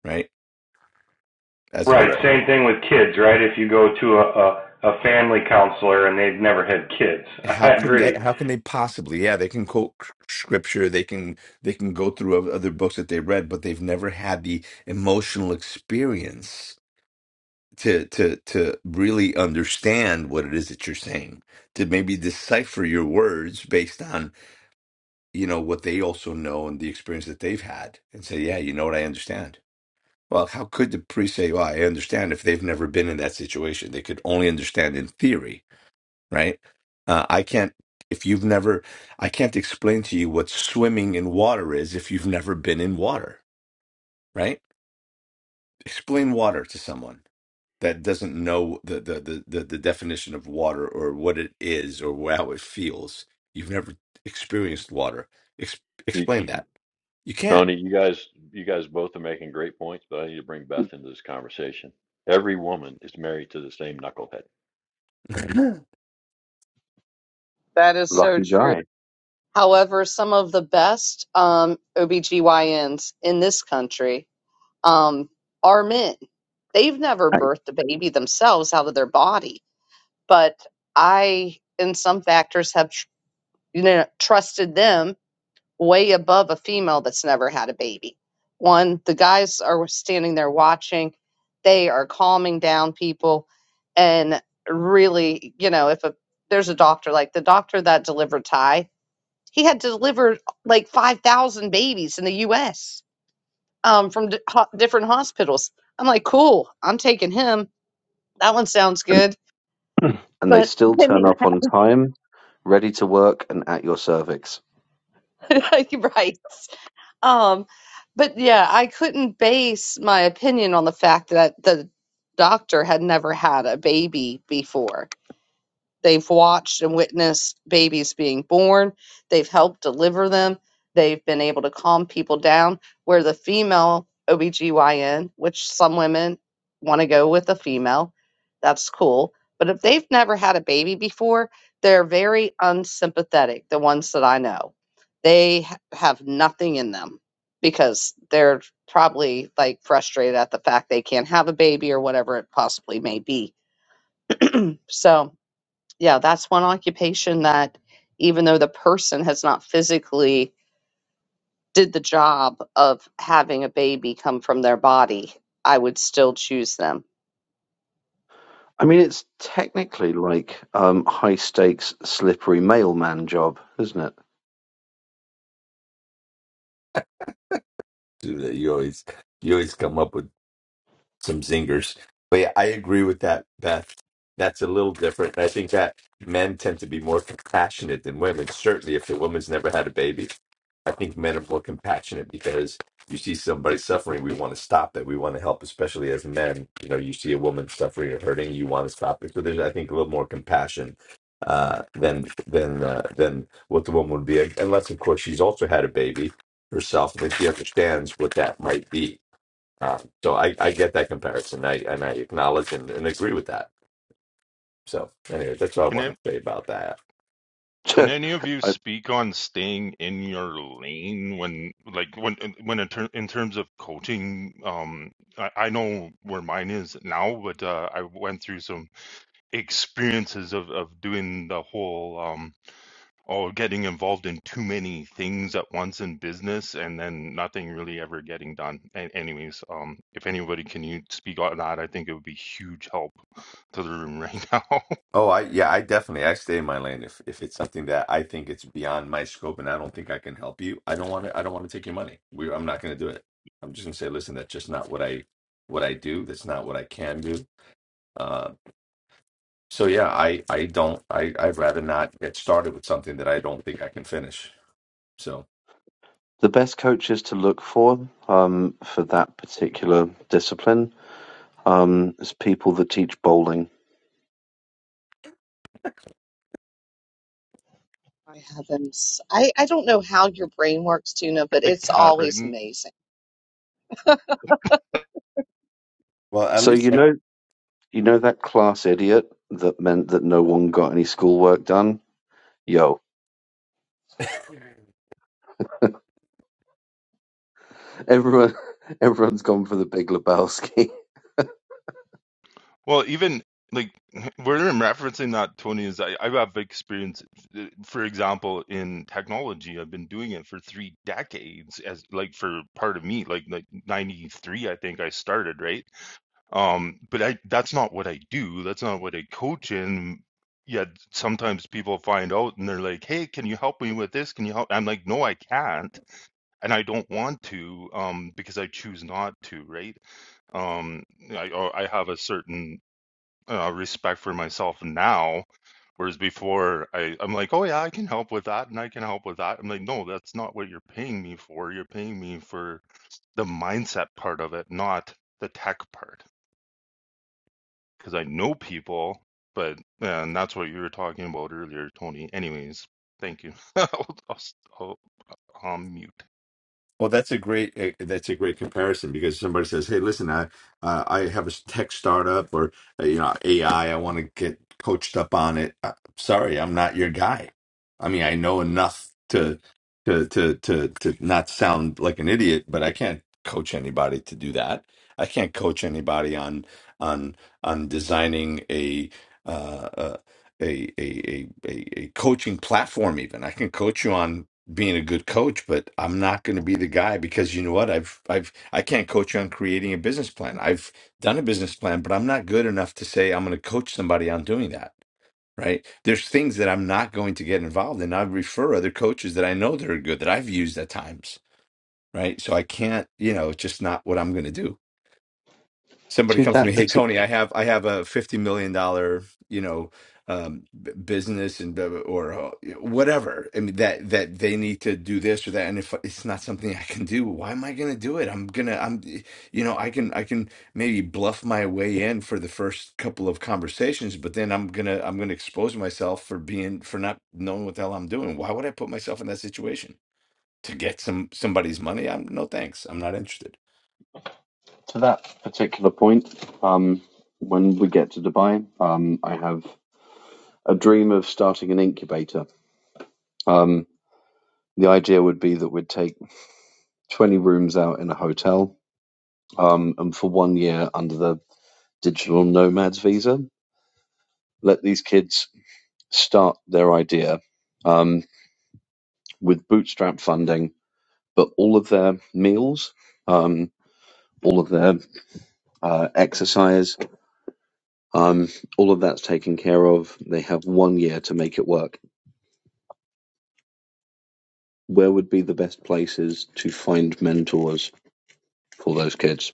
Speaker 1: right? as an
Speaker 8: Right,
Speaker 5: Correct.
Speaker 1: example.
Speaker 8: same thing with kids, right? If you go to a, a, a family counselor and they've never had kids,
Speaker 1: How
Speaker 8: I
Speaker 1: can they,
Speaker 8: agree.
Speaker 1: how can they possibly? Yeah, they can quote c- scripture, they can they can go through oth- other books that they read, but they've never had the emotional experience to to to really understand what it is that you're saying, to maybe decipher your words based on you know what they also know and the experience that they've had, and say, yeah, you know what, I understand. Well, how could the priest say, well, I understand if they've never been in that situation? They could only understand in theory right? Uh, I can't, if you've never, I can't explain to you what swimming in water is if you've never been in water, right? Explain water to someone that doesn't know the the the, the, the definition of water or what it is or how it feels. You've never experienced water. Ex-
Speaker 5: You,
Speaker 1: explain that. You can't.
Speaker 5: Tony, you guys, you guys both are making great points, but I need to bring Beth into this conversation. Every woman is married to the same knucklehead.
Speaker 1: do
Speaker 7: that is so
Speaker 4: Lucky
Speaker 7: true.
Speaker 4: guy.
Speaker 7: However, some of the best um, OBGYNs in this country um, are men. They've never
Speaker 4: I-
Speaker 7: birthed a baby themselves out of their body, but I, in some factors, have tr- you know trusted them way above a female that's never had a baby. One, the guys are standing there watching; they are calming down people, and really, you know, if a there's a doctor like the doctor that delivered Ty, he had delivered like five thousand babies in the U.S um, from di ho- different hospitals. I'm like, cool, I'm taking him. That one sounds
Speaker 4: And,
Speaker 7: good.
Speaker 4: and they
Speaker 7: But
Speaker 4: still
Speaker 7: then
Speaker 4: turn
Speaker 7: you,
Speaker 4: up on time, ready to work, and at your cervix.
Speaker 7: right. Um, but yeah, I couldn't base my opinion on the fact that the doctor had never had a baby before. They've watched and witnessed babies being born. They've helped deliver them. They've been able to calm people down. Where the female OBGYN, which some women want to go with a female, that's cool. But if they've never had a baby before, they're very unsympathetic, the ones that I know. They ha- have nothing in them because they're probably like frustrated at the fact they can't have a baby or whatever it possibly may be. So, yeah, that's one occupation that even though the person has not physically did the job of having a baby come from their body, I would still choose them.
Speaker 4: I mean, it's technically like um, high stakes, slippery mailman job, isn't
Speaker 1: that. You always you always come up with some zingers. But yeah, I agree with that, Beth. That's a little different. And I think that men tend to be more compassionate than women. Certainly, if the woman's never had a baby, I think men are more compassionate because you see somebody suffering, we want to stop it. We want to help, especially as men. You know, you see a woman suffering or hurting, you want to stop it. So there's, I think, a little more compassion uh, than than uh, than what the woman would be, unless, of course, she's also had a baby herself, and then she understands what that might be um, so I, I get that comparison. I and I acknowledge and, and agree with that. So anyway, that's all I
Speaker 3: can
Speaker 1: want
Speaker 3: I,
Speaker 1: to say about that.
Speaker 3: can
Speaker 4: it?
Speaker 3: any of you
Speaker 4: I,
Speaker 3: speak on staying in your lane when like when when in, ter- in terms of coaching? Um, I, I know where mine is now, but uh, I went through some experiences of of doing the whole. um. or getting involved in too many things at once in business and then nothing really ever getting done. And anyways, um, if anybody can you speak on that, I think it would be huge help to the room right now.
Speaker 1: Oh, I yeah, I definitely I stay in my lane if if it's something that I think it's beyond my scope and I don't think I can help you. I don't want to I don't want to take your money. We I'm not going to do it. I'm just going to say, listen, that's just not what I what I do. That's not what I can do. Uh, so yeah, I I don't I I'd rather not get started with something that I don't think I can finish. So
Speaker 4: the best coaches to look for um, for that particular discipline um, is people that teach bowling.
Speaker 7: I haven't. s- I, I don't know how your brain works, Tuna, but
Speaker 3: I
Speaker 7: it's
Speaker 3: can't right
Speaker 7: always
Speaker 3: now.
Speaker 7: amazing.
Speaker 1: well, at
Speaker 4: So
Speaker 1: least
Speaker 4: you
Speaker 1: I,
Speaker 4: know, you know that class idiot that meant that no one got any schoolwork done. Yo, everyone, everyone's gone for the Big Lebowski.
Speaker 3: Well, even like where I'm referencing that, Tony, is I, I have experience, uh, for example, in technology. I've been doing it for three decades as like for part of me, like like 93, I think I started, right? Um, but I that's not what I do. That's not what I coach in. Yet sometimes people find out and they're like, "Hey, can you help me with this? Can you help?" I'm like, "No, I can't, and I don't want to, um, because I choose not to." Right? Um, I uh, I have a certain uh, respect for myself now, whereas before I I'm like, "Oh yeah, I can help with that, and I can help with that." I'm like, "No, that's not what you're paying me for. You're paying me for the mindset part of it, not the tech part." because I know people, but yeah, and that's what you were talking about earlier, Tony. Anyways, thank you. I'll, I'll, I'll, I'll mute.
Speaker 1: Well, that's a great eh, that's a great comparison because somebody says, "Hey, listen, I uh, I have a tech startup or uh, you know AI. I I want to get coached up on it." Uh, sorry, I'm not your guy. I mean, I know enough to to to to to not sound like an idiot, but I can't coach anybody to do that. I can't coach anybody on on on designing a uh, uh, a, a a a a coaching platform. Even I can coach you on being a good coach, but I'm not going to be the guy because you know what? I've I've I can't coach you on creating a business plan. I've done a business plan, but I'm not good enough to say I'm going to coach somebody on doing that. Right? There's things that I'm not going to get involved in. I refer other coaches that I know that are good that I've used at times. Right? So I can't. You know, it's just not what I'm going to do somebody
Speaker 4: to
Speaker 1: comes to me,
Speaker 4: that
Speaker 1: "Hey Tony,
Speaker 4: particular
Speaker 1: I have I have a fifty million dollar you know um, b- business and blah, blah, or uh, whatever. I mean that that they need to do this or that, and if it's not something I can do, why am I going to do it? I'm gonna I'm you know I can I can maybe bluff my way in for the first couple of conversations, but then I'm gonna I'm gonna expose myself for being for not knowing what the hell I'm doing. Why would I put myself in that situation? To get some somebody's money, I'm no thanks. I'm not interested.
Speaker 4: to that particular point, um, when we get to Dubai, um, I have a dream of starting an incubator. Um, the idea would be that we'd take twenty rooms out in a hotel um, and for one year under the digital nomads visa. Let these kids start their idea um, with bootstrap funding, but all of their meals, um, all of their uh, exercise, um, all of that's taken care of. They have one year to make it work. Where would be the best places to find mentors for those kids?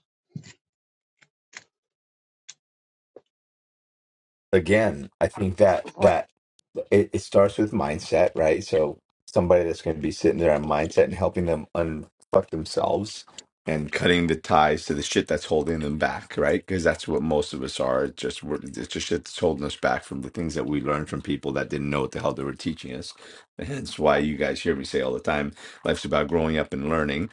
Speaker 1: again, I think that
Speaker 7: Boy,
Speaker 1: that it, it starts with mindset, right? So somebody that's going to be sitting there on mindset and helping them unfuck themselves and cutting the ties to the shit that's holding them back, right? Because that's what most of us are. It's just we're- it's just shit that's holding us back from the things that we learned from people that didn't know what the hell they were teaching us. And hence why you guys hear me say all the time, life's about growing up and learning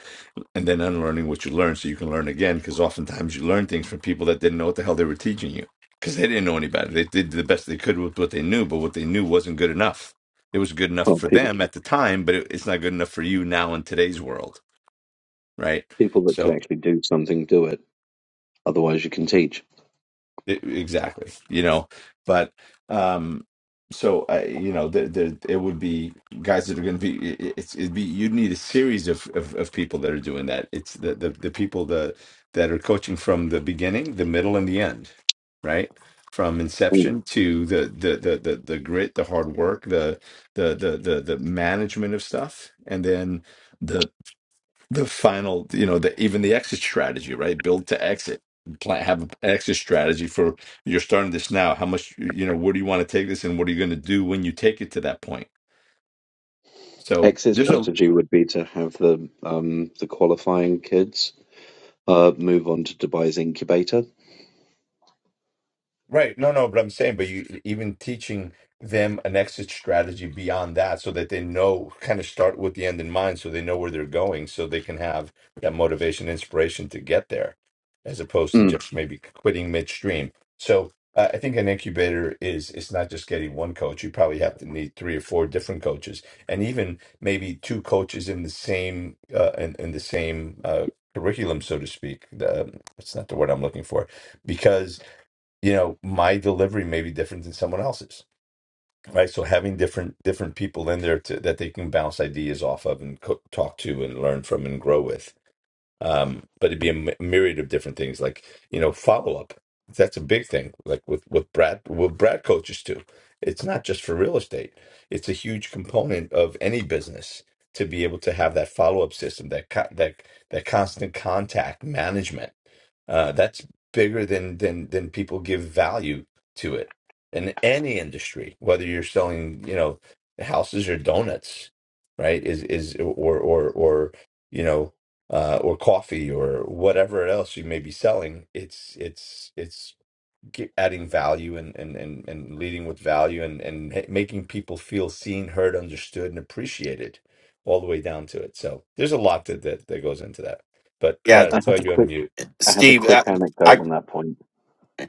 Speaker 1: and then unlearning what you learned so you can learn again. Because oftentimes you learn things from people that didn't know what the hell they were teaching you because they didn't know any better. They did the best they could with what they knew, but what they knew wasn't good enough. It was good enough
Speaker 4: Well,
Speaker 1: for
Speaker 4: people
Speaker 1: them at the time, but it, it's not good enough for you now in today's world, right?
Speaker 4: people that can
Speaker 1: So
Speaker 4: actually do something do it. Otherwise, you can teach.
Speaker 1: It- exactly you know but um so I, you know there, there it would be guys that are going to be it- it's it'd be you'd need a series of, of of people that are doing that it's the the, the people that that are coaching from the beginning the middle and the end right from inception to the the the the, the grit the hard work the, the the the the management of stuff and then the the final you know the even the exit strategy right build to exit plan have an exit strategy for you're starting this now how much you know where do you want to take this and what are you going to do when you take it to that point so
Speaker 4: Exit
Speaker 1: there's a
Speaker 4: strategy would be to have the um, the qualifying kids uh, move on to Dubai's incubator.
Speaker 1: Right. No, no, but I'm saying, but you even teaching them an exit strategy beyond that so that they know, kind of start with the end in mind so they know where they're going so they can have that motivation, inspiration to get there as opposed to
Speaker 4: Mm.
Speaker 1: just maybe quitting midstream. So uh, I think an incubator is, it's not just getting one coach. You probably have to need three or four different coaches and even maybe two coaches in the same, uh, in, in the same, uh, curriculum, so to speak. The, um, that's not the word I'm looking for because you know my delivery may be different than someone else's right so having different different people in there to, that they can bounce ideas off of and co- talk to and learn from and grow with um but it'd be a my- myriad of different things like you know follow up that's a big thing like with with brad with brad coaches too it's not just for real estate it's a huge component of any business to be able to have that follow up system that co- that that constant contact management uh that's bigger than than than people give value to it in any industry whether you're selling you know houses or donuts right is is or or or uh, or coffee or whatever else you may be selling it's it's it's ge- adding value and and and, and leading with value and and ha- making people feel seen heard understood and appreciated all the way down to it so there's a lot that that, that goes into that but
Speaker 2: Yeah.
Speaker 1: brad i
Speaker 4: I
Speaker 1: saw
Speaker 4: have a
Speaker 1: you
Speaker 4: quick
Speaker 1: unmute.
Speaker 4: I have a
Speaker 2: Steve,
Speaker 4: quick
Speaker 2: I,
Speaker 4: anecdote on that point.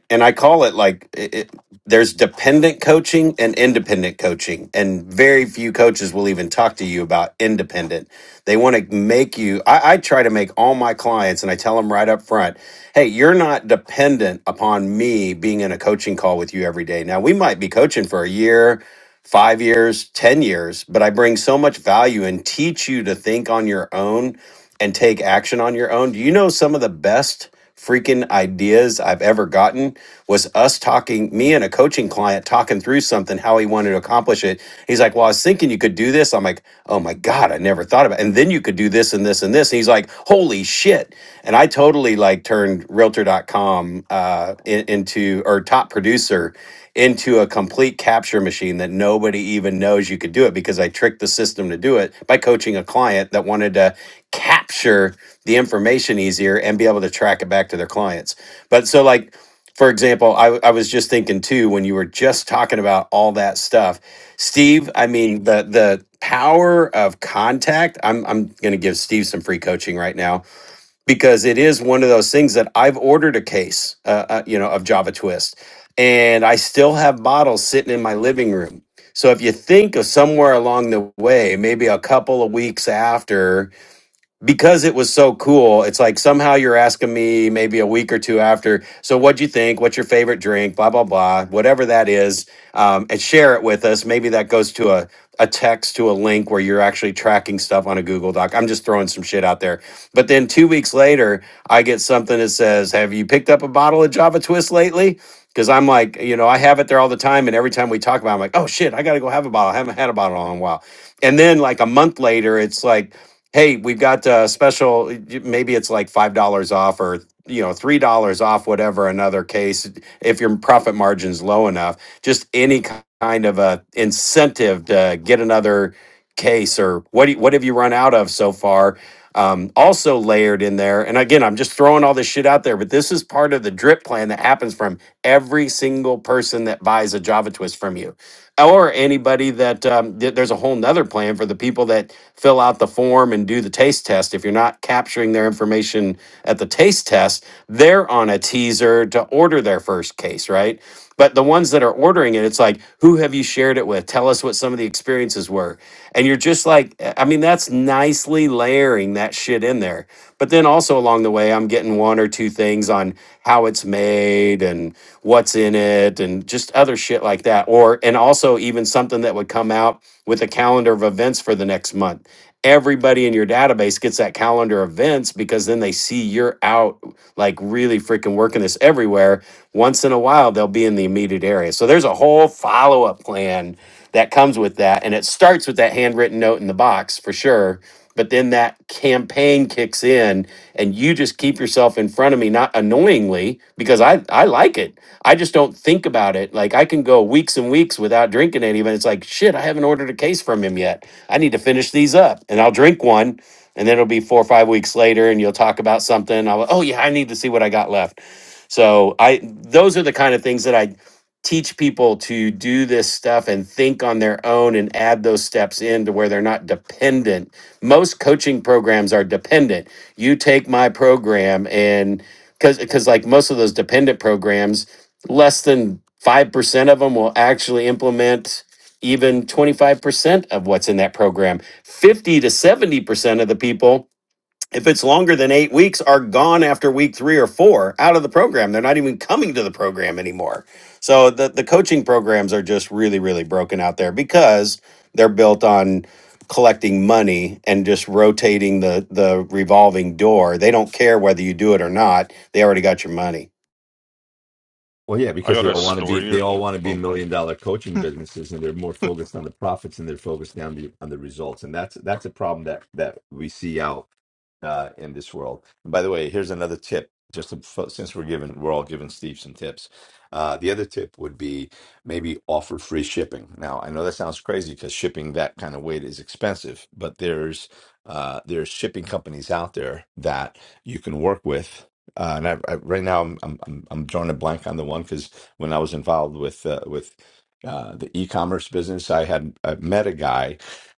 Speaker 2: and I call it like it, it- there's dependent coaching and independent coaching, and very few coaches will even talk to you about independent. They want to make you. I, I try to make all my clients, and I tell them right up front, "Hey, you're not dependent upon me being in a coaching call with you every day. Now we might be coaching for a year." Five years, 10 years, but I bring so much value and teach you to think on your own and take action on your own. Do you know some of the best freaking ideas I've ever gotten was us talking, me and a coaching client talking through something, how he wanted to accomplish it. He's like, Well, I was thinking you could do this. I'm like, Oh my God, I never thought about it. And then you could do this and this and this. And he's like, Holy shit. And I totally like turned realtor.com uh, in- into, or top producer into a complete capture machine that nobody even knows you could do it because I tricked the system to do it by coaching a client that wanted to capture the information easier and be able to track it back to their clients. But so, like, for example, I, I was just thinking too when you were just talking about all that stuff, Steve. I mean, the the power of contact. I'm I'm going to give Steve some free coaching right now because it is one of those things that I've ordered a case, uh, uh, you know, of Java Twist, and I still have bottles sitting in my living room. So if you think of somewhere along the way, maybe a couple of weeks after because it was so cool, it's like somehow you're asking me maybe a week or two after. So, what'd you think? What's your favorite drink? Blah blah blah. Whatever that is, um, and share it with us. Maybe that goes to a a text to a link where you're actually tracking stuff on a Google Doc. I'm just throwing some shit out there. But then two weeks later, I get something that says, "Have you picked up a bottle of Java Twist lately?" Because I'm like, you know, I have it there all the time, and every time we talk about, it, I'm like, "Oh shit, I got to go have a bottle. I haven't had a bottle in a while." And then like a month later, it's like hey, we've got a special, maybe it's like $5 off or, you know, $3 off, whatever, another case, if your profit margin's low enough, just any kind of a incentive to get another case or what, do you- what have you run out of so far? Um, also layered in there, and again, I'm just throwing all this shit out there, but this is part of the drip plan that happens from every single person that buys a Java Twist from you or anybody that um, th- there's a whole nother plan for the people that fill out the form and do the taste test if you're not capturing their information at the taste test they're on a teaser to order their first case right but the ones that are ordering it it's like who have you shared it with tell us tell us what some of the experiences were. And you're just like, I mean, that's nicely layering that shit in there. But then also along the way, I'm getting one or two things on how it's made and what's in it and just other shit like that. Or, and also even something that would come out with a calendar of events for the next month. Everybody in your database gets that calendar of events because then they see you're out like really freaking working this everywhere. Once in a while, they'll be in the immediate area. So there's a whole follow up plan that comes with that. And it starts with that handwritten note in the box for sure. But then that campaign kicks in and you just keep yourself in front of me, not annoyingly, because I, I like it. I just don't think about it. Like I can go weeks and weeks without drinking any, but it's like, shit, I haven't ordered a case from him yet. I need to finish these up and I'll drink one and then it'll be four or five weeks later and you'll talk about something. I'll, oh yeah, I need to see what I got left. So I, those are the kind of things that I teach people to do this stuff and think on their own and add those steps in to where they're not dependent. Most coaching programs are dependent. You take my program and cuz cuz like most of those dependent programs, less than 5% of them will actually implement even 25% of what's in that program. 50 to 70% of the people if it's longer than eight weeks, are gone after week three or four out of the program. They're not even coming to the program anymore. So the, the coaching programs are just really, really broken out there because they're built on collecting money and just rotating the the revolving door. They don't care whether you do it or not. They already got your money.
Speaker 1: Well, yeah,
Speaker 3: I
Speaker 1: because
Speaker 3: got
Speaker 1: they
Speaker 3: a
Speaker 1: all want to be they
Speaker 3: story.
Speaker 1: all want to be
Speaker 3: Oh,
Speaker 1: million dollar coaching businesses, and they're more focused on the profits and they're focused on the on the results, and that's that's a problem that that we see out uh, in this world. And by the way, here's another tip. Just to, fo- since we're giving, we're all giving Steve some tips. Uh, the other tip would be maybe offer free shipping. Now, I know that sounds crazy because shipping that kind of weight is expensive, but there's uh, there's shipping companies out there that you can work with uh, and I, I, right now, I'm, I'm I'm I'm drawing a blank on the one because when I was involved with uh, with uh, the e-commerce business, I had I met a guy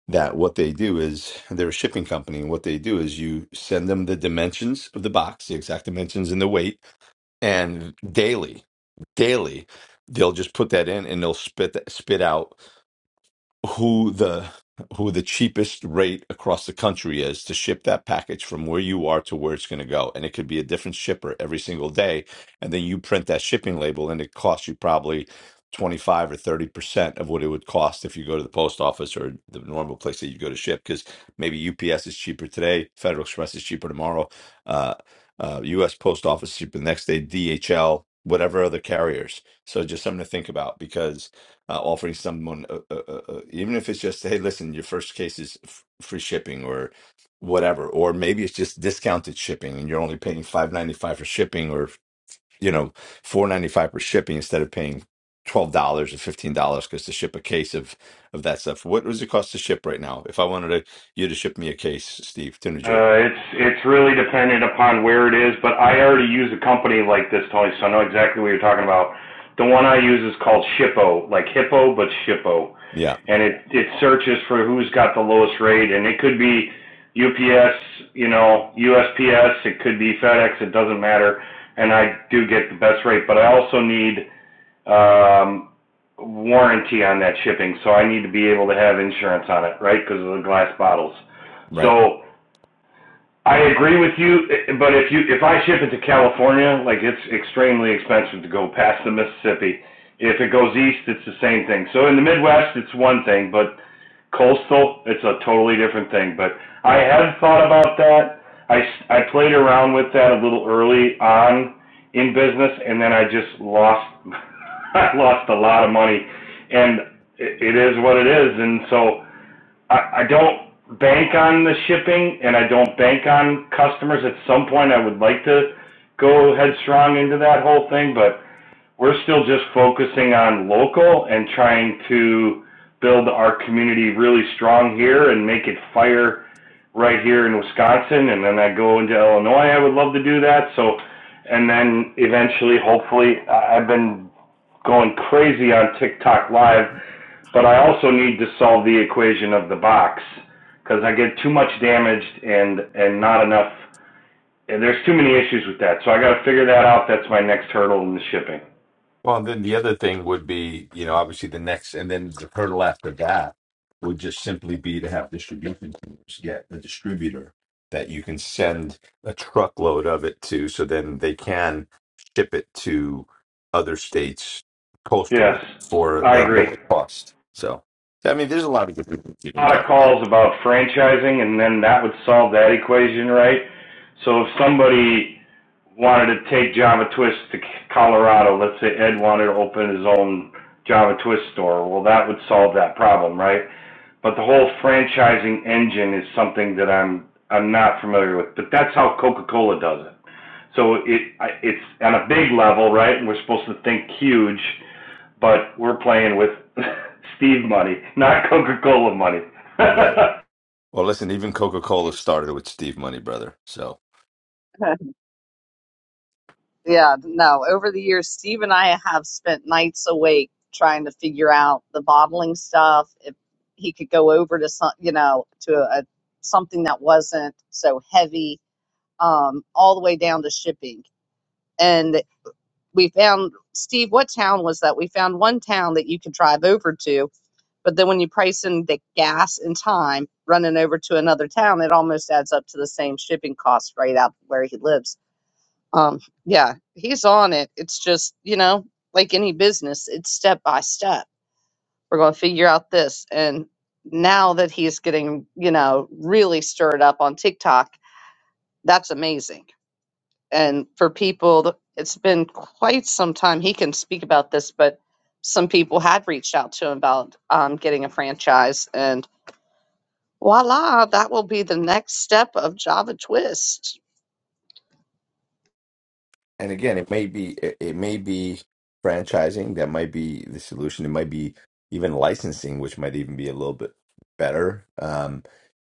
Speaker 1: that what they do is they're a shipping company, and what they do is you send them the dimensions of the box, the exact dimensions and the weight, and daily, daily, they'll just put that in and they'll spit spit out who the who the cheapest rate across the country is to ship that package from where you are to where it's going to go and it could be a different shipper every single day and then you print that shipping label and it costs you probably 25 or 30% of what it would cost if you go to the post office or the normal place that you go to ship cuz maybe UPS is cheaper today, Federal Express is cheaper tomorrow, uh, uh US Post Office is cheaper the next day, DHL, whatever other carriers. So just something to think about because uh, offering someone, uh, uh, uh, uh, even if it's just, hey, listen, your first case is f free shipping or whatever, or maybe it's just discounted shipping and you're only paying five ninety five for shipping, or you know, four ninety five for shipping instead of paying twelve dollars or fifteen dollars because to ship a case of of that stuff. What does it cost to ship right now? If I wanted to, you to ship me a case, Steve, to New Jersey,
Speaker 8: Uh, it's it's really dependent upon where it is, but I already use a company like this, Tony, so I know exactly what you're talking about. The one I use is called Shippo, like Hippo, but Shippo,
Speaker 1: yeah,
Speaker 8: and it it searches for who's got the lowest rate, and it could be UPS, you know, USPS, it could be FedEx, it doesn't matter, and I do get the best rate, but I also need um, warranty on that shipping, so I need to be able to have insurance on it, right? Because of the glass bottles.
Speaker 1: right.
Speaker 8: So I agree with you, eh, but if you if I ship it to California, like it's extremely expensive to go past the Mississippi. If it goes east, it's the same thing. So in the Midwest, it's one thing, but coastal, it's a totally different thing. But I had thought about that. I I played around with that a little early on in business, and then I just lost I lost a lot of money, and it, it is what it is. And so I, I don't bank on the shipping, and I don't bank on customers. At some point, I would like to go headstrong into that whole thing, but we're still just focusing on local and trying to build our community really strong here and make it fire right here in Wisconsin. And then I go into Illinois. I would love to do that. So, and then eventually, hopefully, I- have been going crazy on TikTok Live, but I also need to solve the equation of the box because I get too much damaged and and not enough. And there's too many issues with that. So I got to figure that out. That's my next hurdle in the shipping.
Speaker 1: Well, and then the other thing would be, you know, obviously the next, and then the hurdle after that would just simply be to have distribution teams get a distributor that you can send a truckload of it to, so then they can ship it to other states
Speaker 8: Yes,
Speaker 1: coastal for
Speaker 8: I
Speaker 1: a
Speaker 8: agree.
Speaker 1: lower cost. So, I mean, there's a lot of good things you
Speaker 8: A
Speaker 1: can
Speaker 8: lot of
Speaker 1: talk about.
Speaker 8: calls about franchising, and then that would solve that equation, right? So if somebody wanted to take Java Twist to Colorado, let's say Ed wanted to open his own Java Twist store, well, that would solve that problem, right? But the whole franchising engine is something that I'm I'm not familiar with. But that's how Coca-Cola does it. So it it's on a big level, right? And we're supposed to think huge but we're playing with Steve money, not Coca-Cola money.
Speaker 1: Right. Well, listen, even Coca Cola
Speaker 7: And
Speaker 1: started with Steve Money, brother. So.
Speaker 7: Yeah, no. Over the years, Steve and I have spent nights awake trying to figure out the bottling stuff. If he could go over to some, you know, to a something that wasn't so heavy, um, all the way down to shipping. And we found, Steve, what town was that? We found one town that you could drive over to, but then when you price in the gas and time running over to another town, it almost adds up to the same shipping cost right out where he lives. Um, yeah, he's on it. It's just, you know, like any business, it's step by step. We're going to figure out this. And now that he's getting, you know, really stirred up on TikTok, that's amazing. And for people, th- it's been quite some time. He can speak about this, but some people had reached out to him about um, getting a franchise. And voila, that will be the next step of Java Twist.
Speaker 1: and again it may be it, it may be franchising that might be the solution it might be even licensing which might even be a little bit better um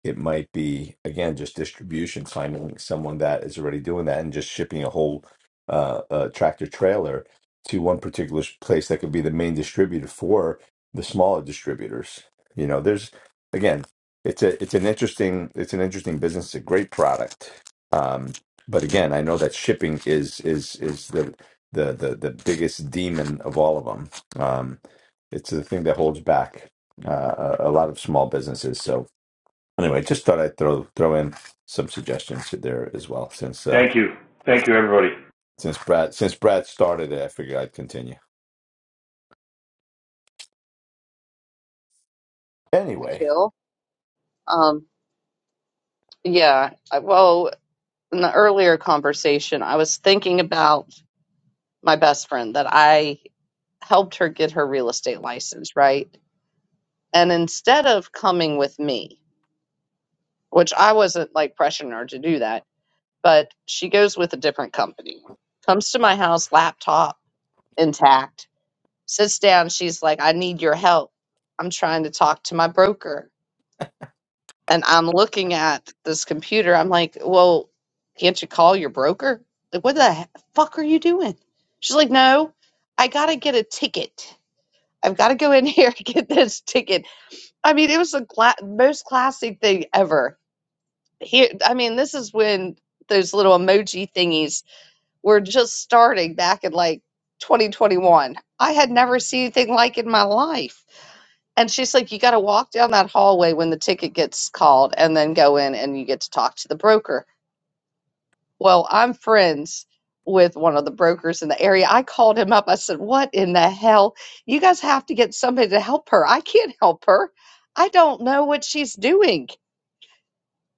Speaker 1: it might be again just distribution finding someone that is already doing that and just shipping a whole uh, uh tractor trailer to one particular s- place that could be the main distributor for the smaller distributors you know there's again it's a it's an interesting it's an interesting business a great product Um, but again, I know that shipping is is is the the the, the biggest demon of all of them. Um, it's the thing that holds back uh, a a lot of small businesses. So anyway, just thought I'd throw throw in some suggestions there as well. Since uh,
Speaker 8: Thank you. Thank you, everybody.
Speaker 1: since Brad since Brad started it, I figured I'd continue.
Speaker 7: Jack
Speaker 1: Anyway,
Speaker 7: Hill. Um, yeah, I- well, in the earlier conversation, I was thinking about my best friend that I helped her get her real estate license, right? And instead of coming with me, which I wasn't like pressuring her to do that, but she goes with a different company. Comes to my house, laptop intact, sits down. She's like, I need your help. I'm trying to talk to my broker. And I'm looking at this computer. I'm like, well, can't you call your broker? Like, what the he- fuck are you doing? She's like, no, I got to get a ticket. I've got to go in here and get this ticket. I mean, it was the cla- most classic thing ever. Here, I mean, this is when those little emoji thingies were just starting back in like 2021. I had never seen anything like it in my life. And she's like, you got to walk down that hallway when the ticket gets called and then go in and you get to talk to the broker. Well, I'm friends with one of the brokers in the area. I called him up. I said, What in the hell? You guys have to get somebody to help her. I can't help her. I don't know what she's doing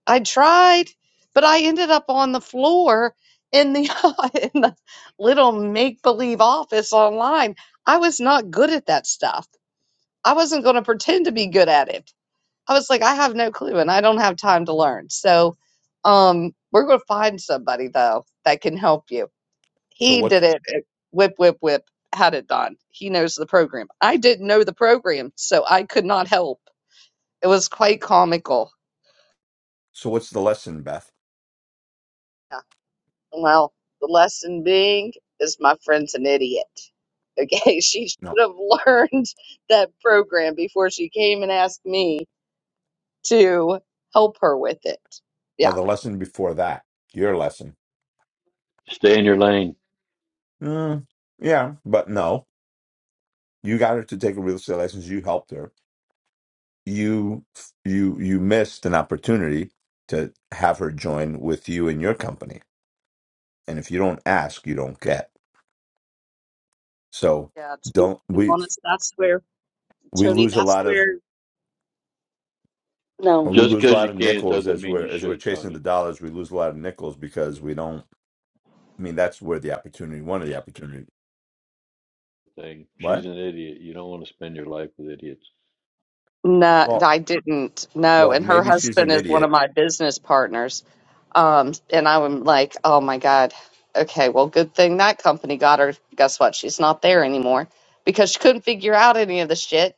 Speaker 7: I tried, but I ended up on the floor in the in the little make believe office online. I was not good at that stuff. I wasn't going to pretend to be good at it. I was like, I have no clue, and I don't have time to learn. So, um, we're going to find somebody though that can help you.
Speaker 1: so
Speaker 7: He
Speaker 1: what's
Speaker 7: did it. uh, Whip, whip, whip. Had it done. He knows the program. I didn't know the program, so I could not help. It was quite comical.
Speaker 1: so what's the lesson, Beth?
Speaker 7: Well, the lesson being is my friend's an idiot. Okay, she
Speaker 1: No,
Speaker 7: should have learned that program before she came and asked me to help her with it. Yeah.
Speaker 1: well, the lesson before that, your lesson.
Speaker 5: Stay in your lane.
Speaker 1: Mm, yeah, but no, you got her to take a real estate license. You helped her you you you missed an opportunity to have her join with you in your company and if you don't ask you don't get so
Speaker 7: Yeah, to be
Speaker 1: don't we
Speaker 7: honest, that's where,
Speaker 1: we
Speaker 7: Tony,
Speaker 1: lose a
Speaker 7: that's
Speaker 1: lot of
Speaker 7: where. No.
Speaker 1: we
Speaker 5: Just
Speaker 1: lose a
Speaker 5: because
Speaker 1: lot
Speaker 5: you
Speaker 1: of
Speaker 5: can
Speaker 1: nickels
Speaker 5: doesn't
Speaker 1: as
Speaker 5: mean
Speaker 1: we're
Speaker 5: you
Speaker 1: as we're
Speaker 5: should,
Speaker 1: chasing
Speaker 5: Tony.
Speaker 1: the dollars we lose a lot of nickels because we don't i mean that's where the opportunity one of the opportunity
Speaker 5: thing. She's
Speaker 1: what
Speaker 5: an idiot. You don't want to spend your life with idiots.
Speaker 7: No,
Speaker 1: well
Speaker 7: I didn't. No,
Speaker 1: well
Speaker 7: and her
Speaker 1: maybe she's an
Speaker 7: husband is one of
Speaker 1: idiot
Speaker 7: my business partners. Um, and I am like, oh my God. Okay, well, good thing that company got her. Guess what? She's not there anymore because she couldn't figure out any of the shit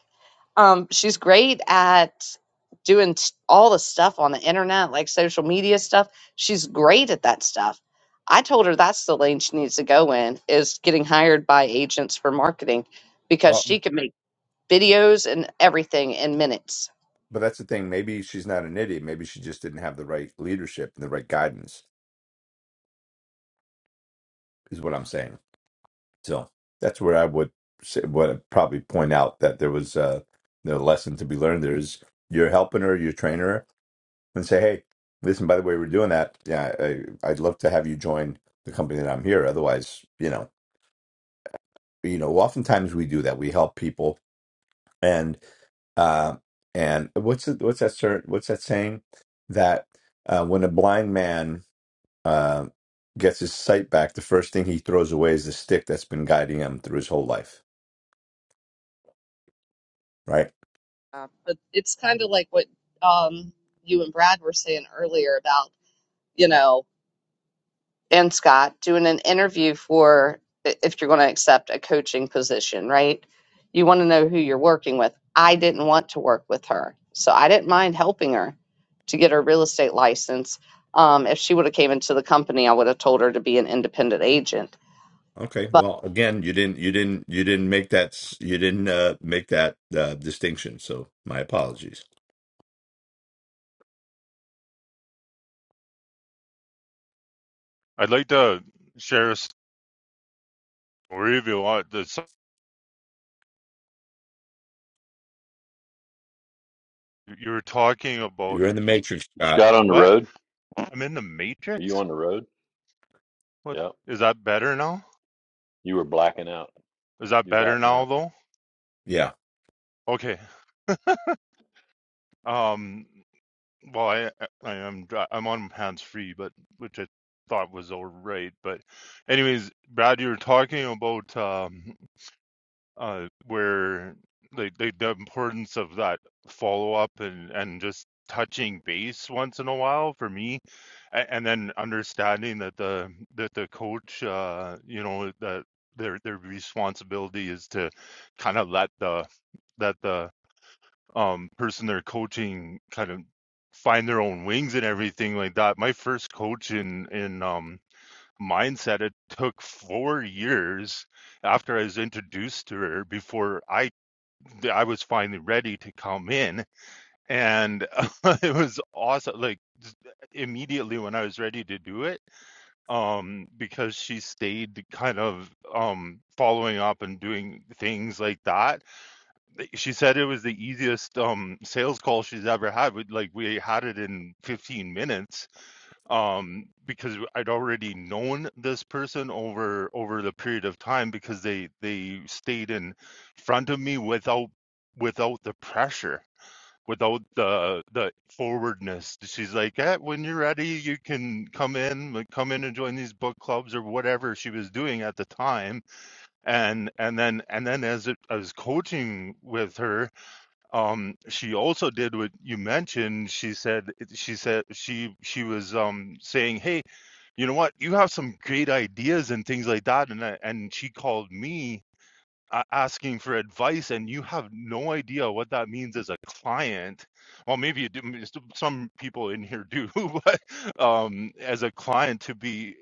Speaker 7: Um, she's great at doing t- all the stuff on the internet, like social media stuff. She's great at that stuff. I told her that's the lane she needs to go in is getting hired by agents for marketing because
Speaker 1: well
Speaker 7: she can make videos and everything in minutes.
Speaker 1: but that's the thing maybe she's not an idiot maybe she just didn't have the right leadership and the right guidance is what i'm saying So that's where I would say, what I'd probably point out that there was uh, the lesson to be learned. There is you're helping her, you're training her, and say, hey, listen, by the way, we're doing that. Yeah, I, I'd love to have you join the company that I'm here. Otherwise, you know, you know, oftentimes we do that. We help people, and uh, and what's the, what's that certain what's that saying that uh, when a blind man uh, gets his sight back, the first thing he throws away is the stick that's been guiding him through his whole life, right?
Speaker 7: Uh, but it's kind of like what um, you and Brad were saying earlier about, you know, and Scott doing an interview for if you're going to accept a coaching position, right? You want to know who you're working with. I didn't want to work with her, so I didn't mind helping her to get her real estate license. Um, if she would have came into the company, I would have told her to be an independent agent.
Speaker 1: Okay.
Speaker 7: But
Speaker 1: Well, again, you didn't, you didn't, you didn't make that, s- you didn't uh, make that uh, distinction. So my apologies.
Speaker 3: I'd like to share a story if you want. This, you were talking about
Speaker 1: You're in the matrix, Scott.
Speaker 5: Scott on the
Speaker 3: what?
Speaker 5: road?
Speaker 3: I'm in the
Speaker 5: Are you
Speaker 3: Matrix.
Speaker 5: on the road?
Speaker 3: What
Speaker 5: Yeah.
Speaker 3: is that better now?
Speaker 5: You were blacking out.
Speaker 3: Is that
Speaker 5: You're
Speaker 3: better
Speaker 5: back
Speaker 3: now
Speaker 5: now.
Speaker 3: though?
Speaker 1: Yeah.
Speaker 3: Okay. Um. Well, I uh, I am dri- I'm on hands free, but which I thought was all right. But anyways, Brad, you were talking about um uh where like the, the importance of that follow up and and just touching base once in a while for me, and, and then understanding that the that the coach uh you know that their their responsibility is to kind of let the that the um person they're coaching kind of find their own wings and everything like that. My first coach in in um mindset it took 4 years after I was introduced to her before I I was finally ready to come in and it was awesome like immediately when I was ready to do it um because she stayed kind of um following up and doing things like that she said it was the easiest um sales call she's ever had like we had it in 15 minutes um because i'd already known this person over over the period of time because they they stayed in front of me without without the pressure without the the forwardness she's like eh, when you're ready you can come in like, come in and join these book clubs or whatever she was doing at the time and and then and then as it, i was coaching with her um she also did what you mentioned she said she said she she was um saying hey you know what you have some great ideas and things like that and I, and she called me a- asking for advice and you have no idea what that means as a client well maybe you do m- s- some people in here do but um as a client to be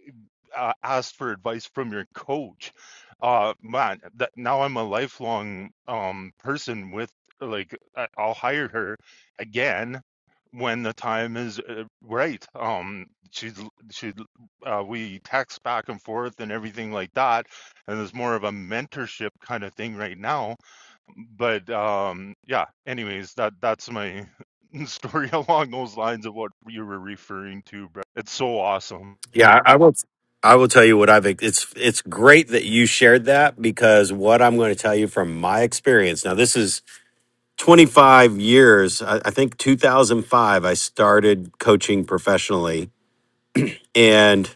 Speaker 3: uh, asked for advice from your coach uh man that now i'm a lifelong um person with like I- i'll hire her again when the time is uh, right um she's l- she uh, we text back and forth and everything like that and there's more of a mentorship kind of thing right now. But um, yeah, anyways, that that's my story along those lines of what you were referring to, Brad. It's so awesome.
Speaker 2: Yeah, I I will. I will tell you what I've. It's it's great that you shared that because what I'm going to tell you from my experience. Now, this is 25 years, I, I think 2005, I started coaching professionally. And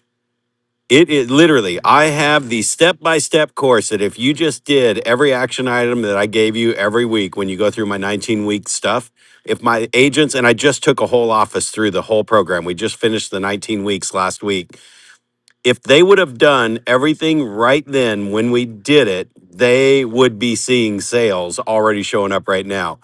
Speaker 2: it, it literally, I have the step by step course that if you just did every action item that I gave you every week when you go through my 19 week stuff, if my agents and I just took a whole office through the whole program, we just finished the 19 weeks last week. If they would have done everything right then when we did it, they would be seeing sales already showing up right now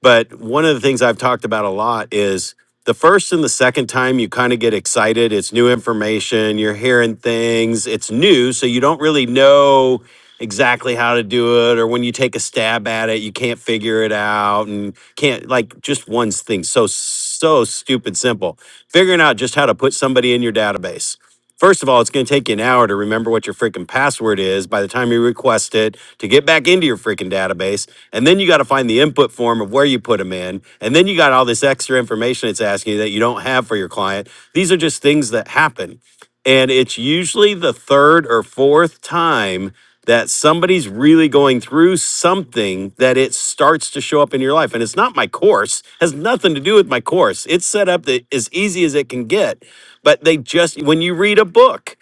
Speaker 2: but one of the things I've talked about a lot is the first and the second time you kind of get excited. It's new information, you're hearing things, it's new, so you don't really know exactly how to do it. Or when you take a stab at it, you can't figure it out and can't, like, just one thing so, so stupid simple. Figuring out just how to put somebody in your database First of all, it's going to take you an hour to remember what your freaking password is by the time you request it to get back into your freaking database. And then you got to find the input form of where you put them in. And then you got all this extra information it's asking you that you don't have for your client. These are just things that happen. And it's usually the third or fourth time that somebody's really going through something that it starts to show up in your life. And it's not my course, has nothing to do with my course. It's set up that as easy as it can get but they just when you read a book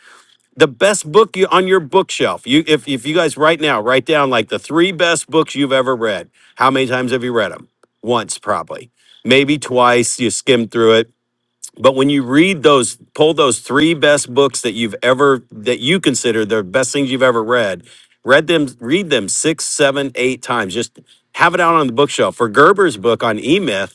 Speaker 2: the best book you, on your bookshelf you if, if you guys right now write down like the three best books you've ever read how many times have you read them once probably maybe twice you skimmed through it but when you read those pull those three best books that you've ever that you consider the best things you've ever read read them read them six seven eight times just have it out on the bookshelf for gerber's book on e-myth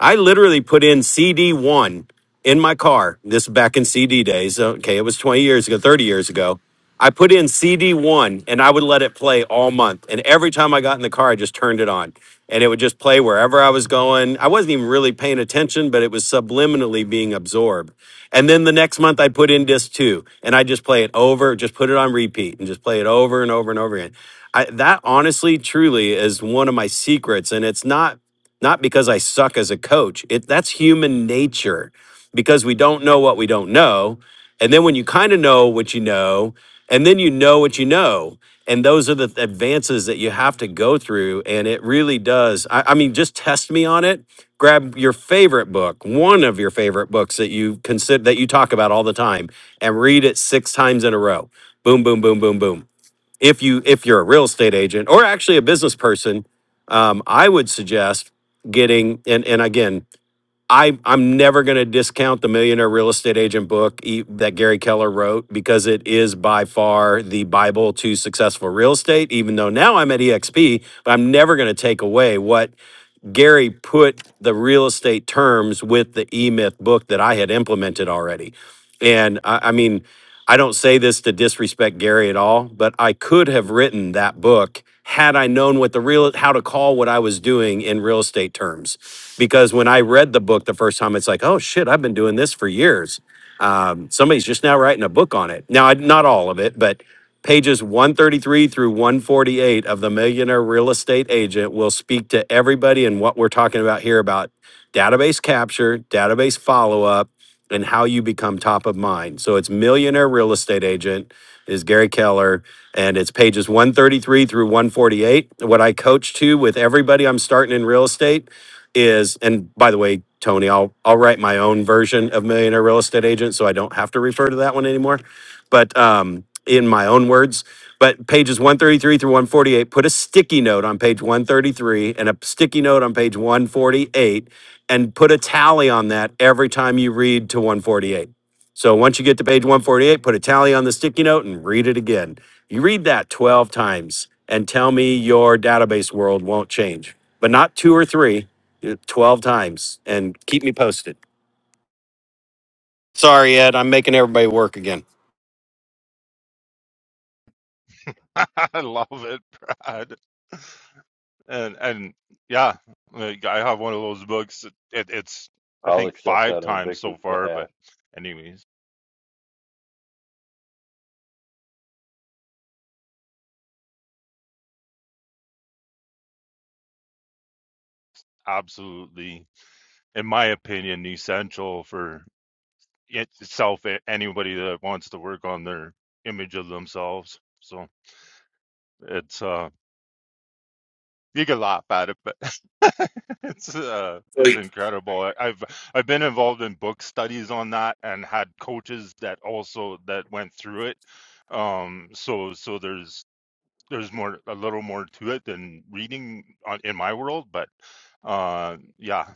Speaker 2: I literally put in CD one in my car. This is back in CD days. Okay, it was 20 years ago, 30 years ago. I put in CD one and I would let it play all month. And every time I got in the car, I just turned it on and it would just play wherever I was going. I wasn't even really paying attention, but it was subliminally being absorbed. And then the next month, I put in disc two and I just play it over, just put it on repeat and just play it over and over and over again. I, that honestly, truly is one of my secrets. And it's not not because I suck as a coach. It that's human nature because we don't know what we don't know. And then when you kind of know what you know, and then you know what you know, and those are the th- advances that you have to go through. And it really does. I, I mean, just test me on it. Grab your favorite book, one of your favorite books that you consider that you talk about all the time, and read it six times in a row. Boom, boom, boom, boom, boom if you if you're a real estate agent or actually a business person um, i would suggest getting and and again i i'm never going to discount the millionaire real estate agent book e- that gary keller wrote because it is by far the bible to successful real estate even though now i'm at exp but i'm never going to take away what Gary put the real estate terms with the E Myth book that I had implemented already. And I, I mean, I don't say this to disrespect Gary at all, but I could have written that book had I known what the real how to call what I was doing in real estate terms. Because when I read the book the first time, it's like, oh shit, I've been doing this for years. Um, somebody's just now writing a book on it. Now, I, not all of it, but Pages 133 through 148 of The Millionaire Real Estate Agent will speak to everybody and what we're talking about here about database capture, database follow up, and how you become top of mind. So it's Millionaire Real Estate Agent is Gary Keller, and it's pages 133 through 148. What I coach to with everybody I'm starting in real estate is, and by the way, Tony, I'll I'll write my own version of Millionaire Real Estate Agent, so I don't have to refer to that one anymore. But um, in my own words, but pages 133 through 148, put a sticky note on page 133 and a sticky note on page 148 and put a tally on that every time you read to 148. So once you get to page 148, put a tally on the sticky note and read it again. You read that 12 times and tell me your database world won't change, but not two or three, uh, 12 times and keep me posted. Sorry, Ed, I'm making everybody work again.
Speaker 3: I love it, Brad. And and yeah, like I have one of those books. It, it's I
Speaker 5: I'll
Speaker 3: think
Speaker 5: accept
Speaker 3: five
Speaker 5: that on
Speaker 3: times so
Speaker 5: Victor's
Speaker 3: far,
Speaker 5: behalf.
Speaker 3: but anyways, absolutely, in my opinion, essential for itself anybody that wants to work on their image of themselves. So. It's uh you can laugh at it, but it's uh it's incredible. I- have I've been involved in book studies on that and had coaches that also that went through it. Um so so there's there's more a little more to it than reading on, in my world, but uh yeah,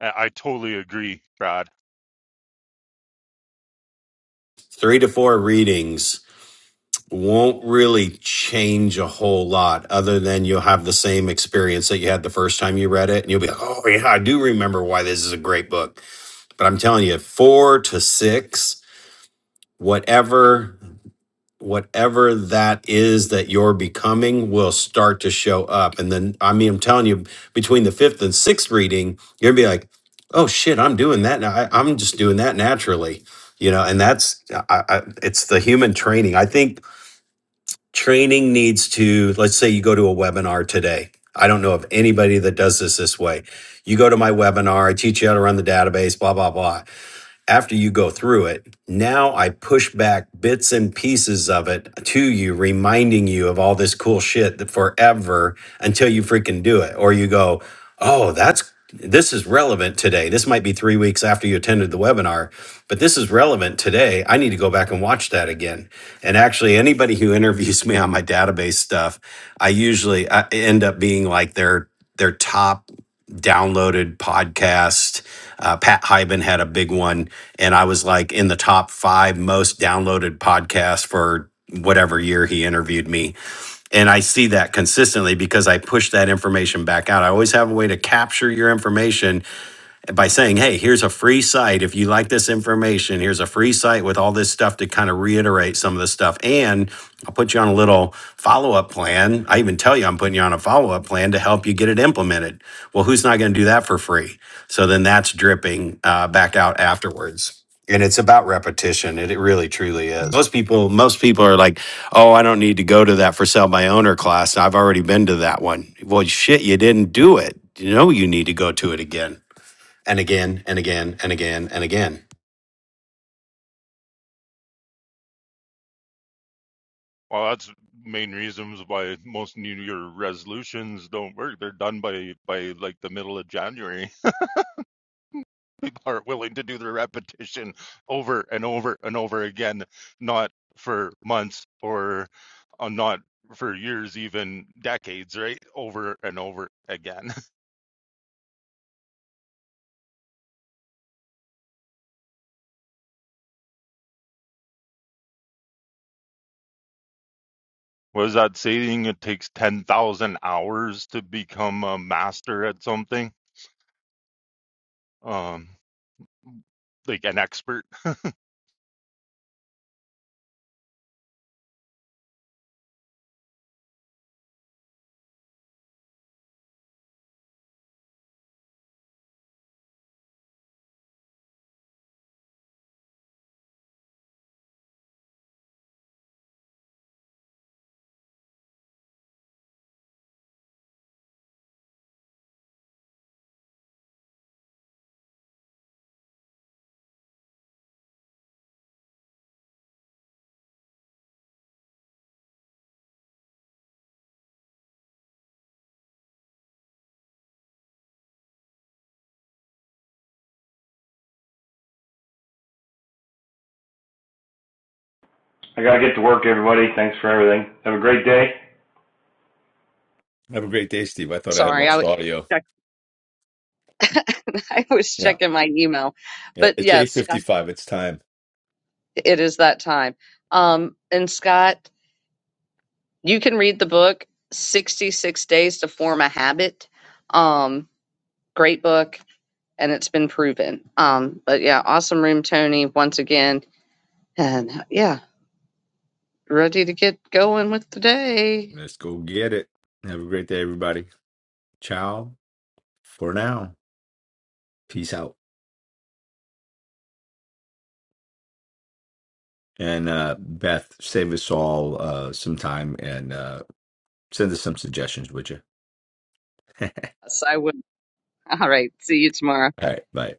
Speaker 3: I, I totally agree, Brad.
Speaker 2: Three to four readings. won't really change a whole lot other than you'll have the same experience that you had the first time you read it and you'll be like oh yeah i do remember why this is a great book but i'm telling you four to six whatever whatever that is that you're becoming will start to show up and then i mean i'm telling you between the fifth and sixth reading you're gonna be like oh shit i'm doing that now I, i'm just doing that naturally you know and that's I, I, it's the human training i think training needs to let's say you go to a webinar today i don't know of anybody that does this this way you go to my webinar i teach you how to run the database blah blah blah after you go through it, now I push back bits and pieces of it to you, reminding you of all this cool shit that forever until you freaking do it. Or you go, oh, that's this is relevant today. This might be three weeks after you attended the webinar, but this is relevant today. I need to go back and watch that again. And actually, anybody who interviews me on my database stuff, I usually I end up being like their their top downloaded podcast uh, Pat Hyben had a big one, and I was like in the top five most downloaded podcasts for whatever year he interviewed me. And I see that consistently because I push that information back out. I always have a way to capture your information by saying, hey, here's a free site. If you like this information, here's a free site with all this stuff to kind of reiterate some of the stuff. And I'll put you on a little follow up plan. I even tell you I'm putting you on a follow up plan to help you get it implemented. Well, who's not going to do that for free? So then that's dripping uh, back out afterwards. And it's about repetition. It, it really truly is. Most people, most people are like, oh, I don't need to go to that for sale by owner class. I've already been to that one. Well, shit, you didn't do it. You know, you need to go to it again and again and again and again and again.
Speaker 3: Well, that's main reasons why most New Year resolutions don't work. They're done by by like the middle of January. people are willing to do the repetition over and over and over again, not for months or uh, not for years, even decades, right? Over and over again. What is that saying? It takes 10,000 hours to become a master at something, um, like an expert.
Speaker 8: I got to get to work, everybody. Thanks for everything. Have a great day.
Speaker 1: Have a great day, Steve. I thought I had
Speaker 7: sorry, I
Speaker 1: lost
Speaker 7: was
Speaker 1: audio.
Speaker 7: checking, I was
Speaker 1: Yeah.
Speaker 7: checking my email.
Speaker 1: Yeah.
Speaker 7: But
Speaker 1: It's
Speaker 7: yes, Scott,
Speaker 1: 8:55. It's time.
Speaker 7: it is that time. Um, and Scott, you can read the book 66 Days to Form a Habit. Um, great book and it's been proven um but yeah awesome room tony once again and yeah ready to get going with the day
Speaker 1: Let's go get it. Have a great day, everybody. Ciao for now. Peace out. And uh, Beth, save us all uh, some time and uh, send us some suggestions, would you?
Speaker 7: yes i would all right see you tomorrow
Speaker 1: All right. Bye.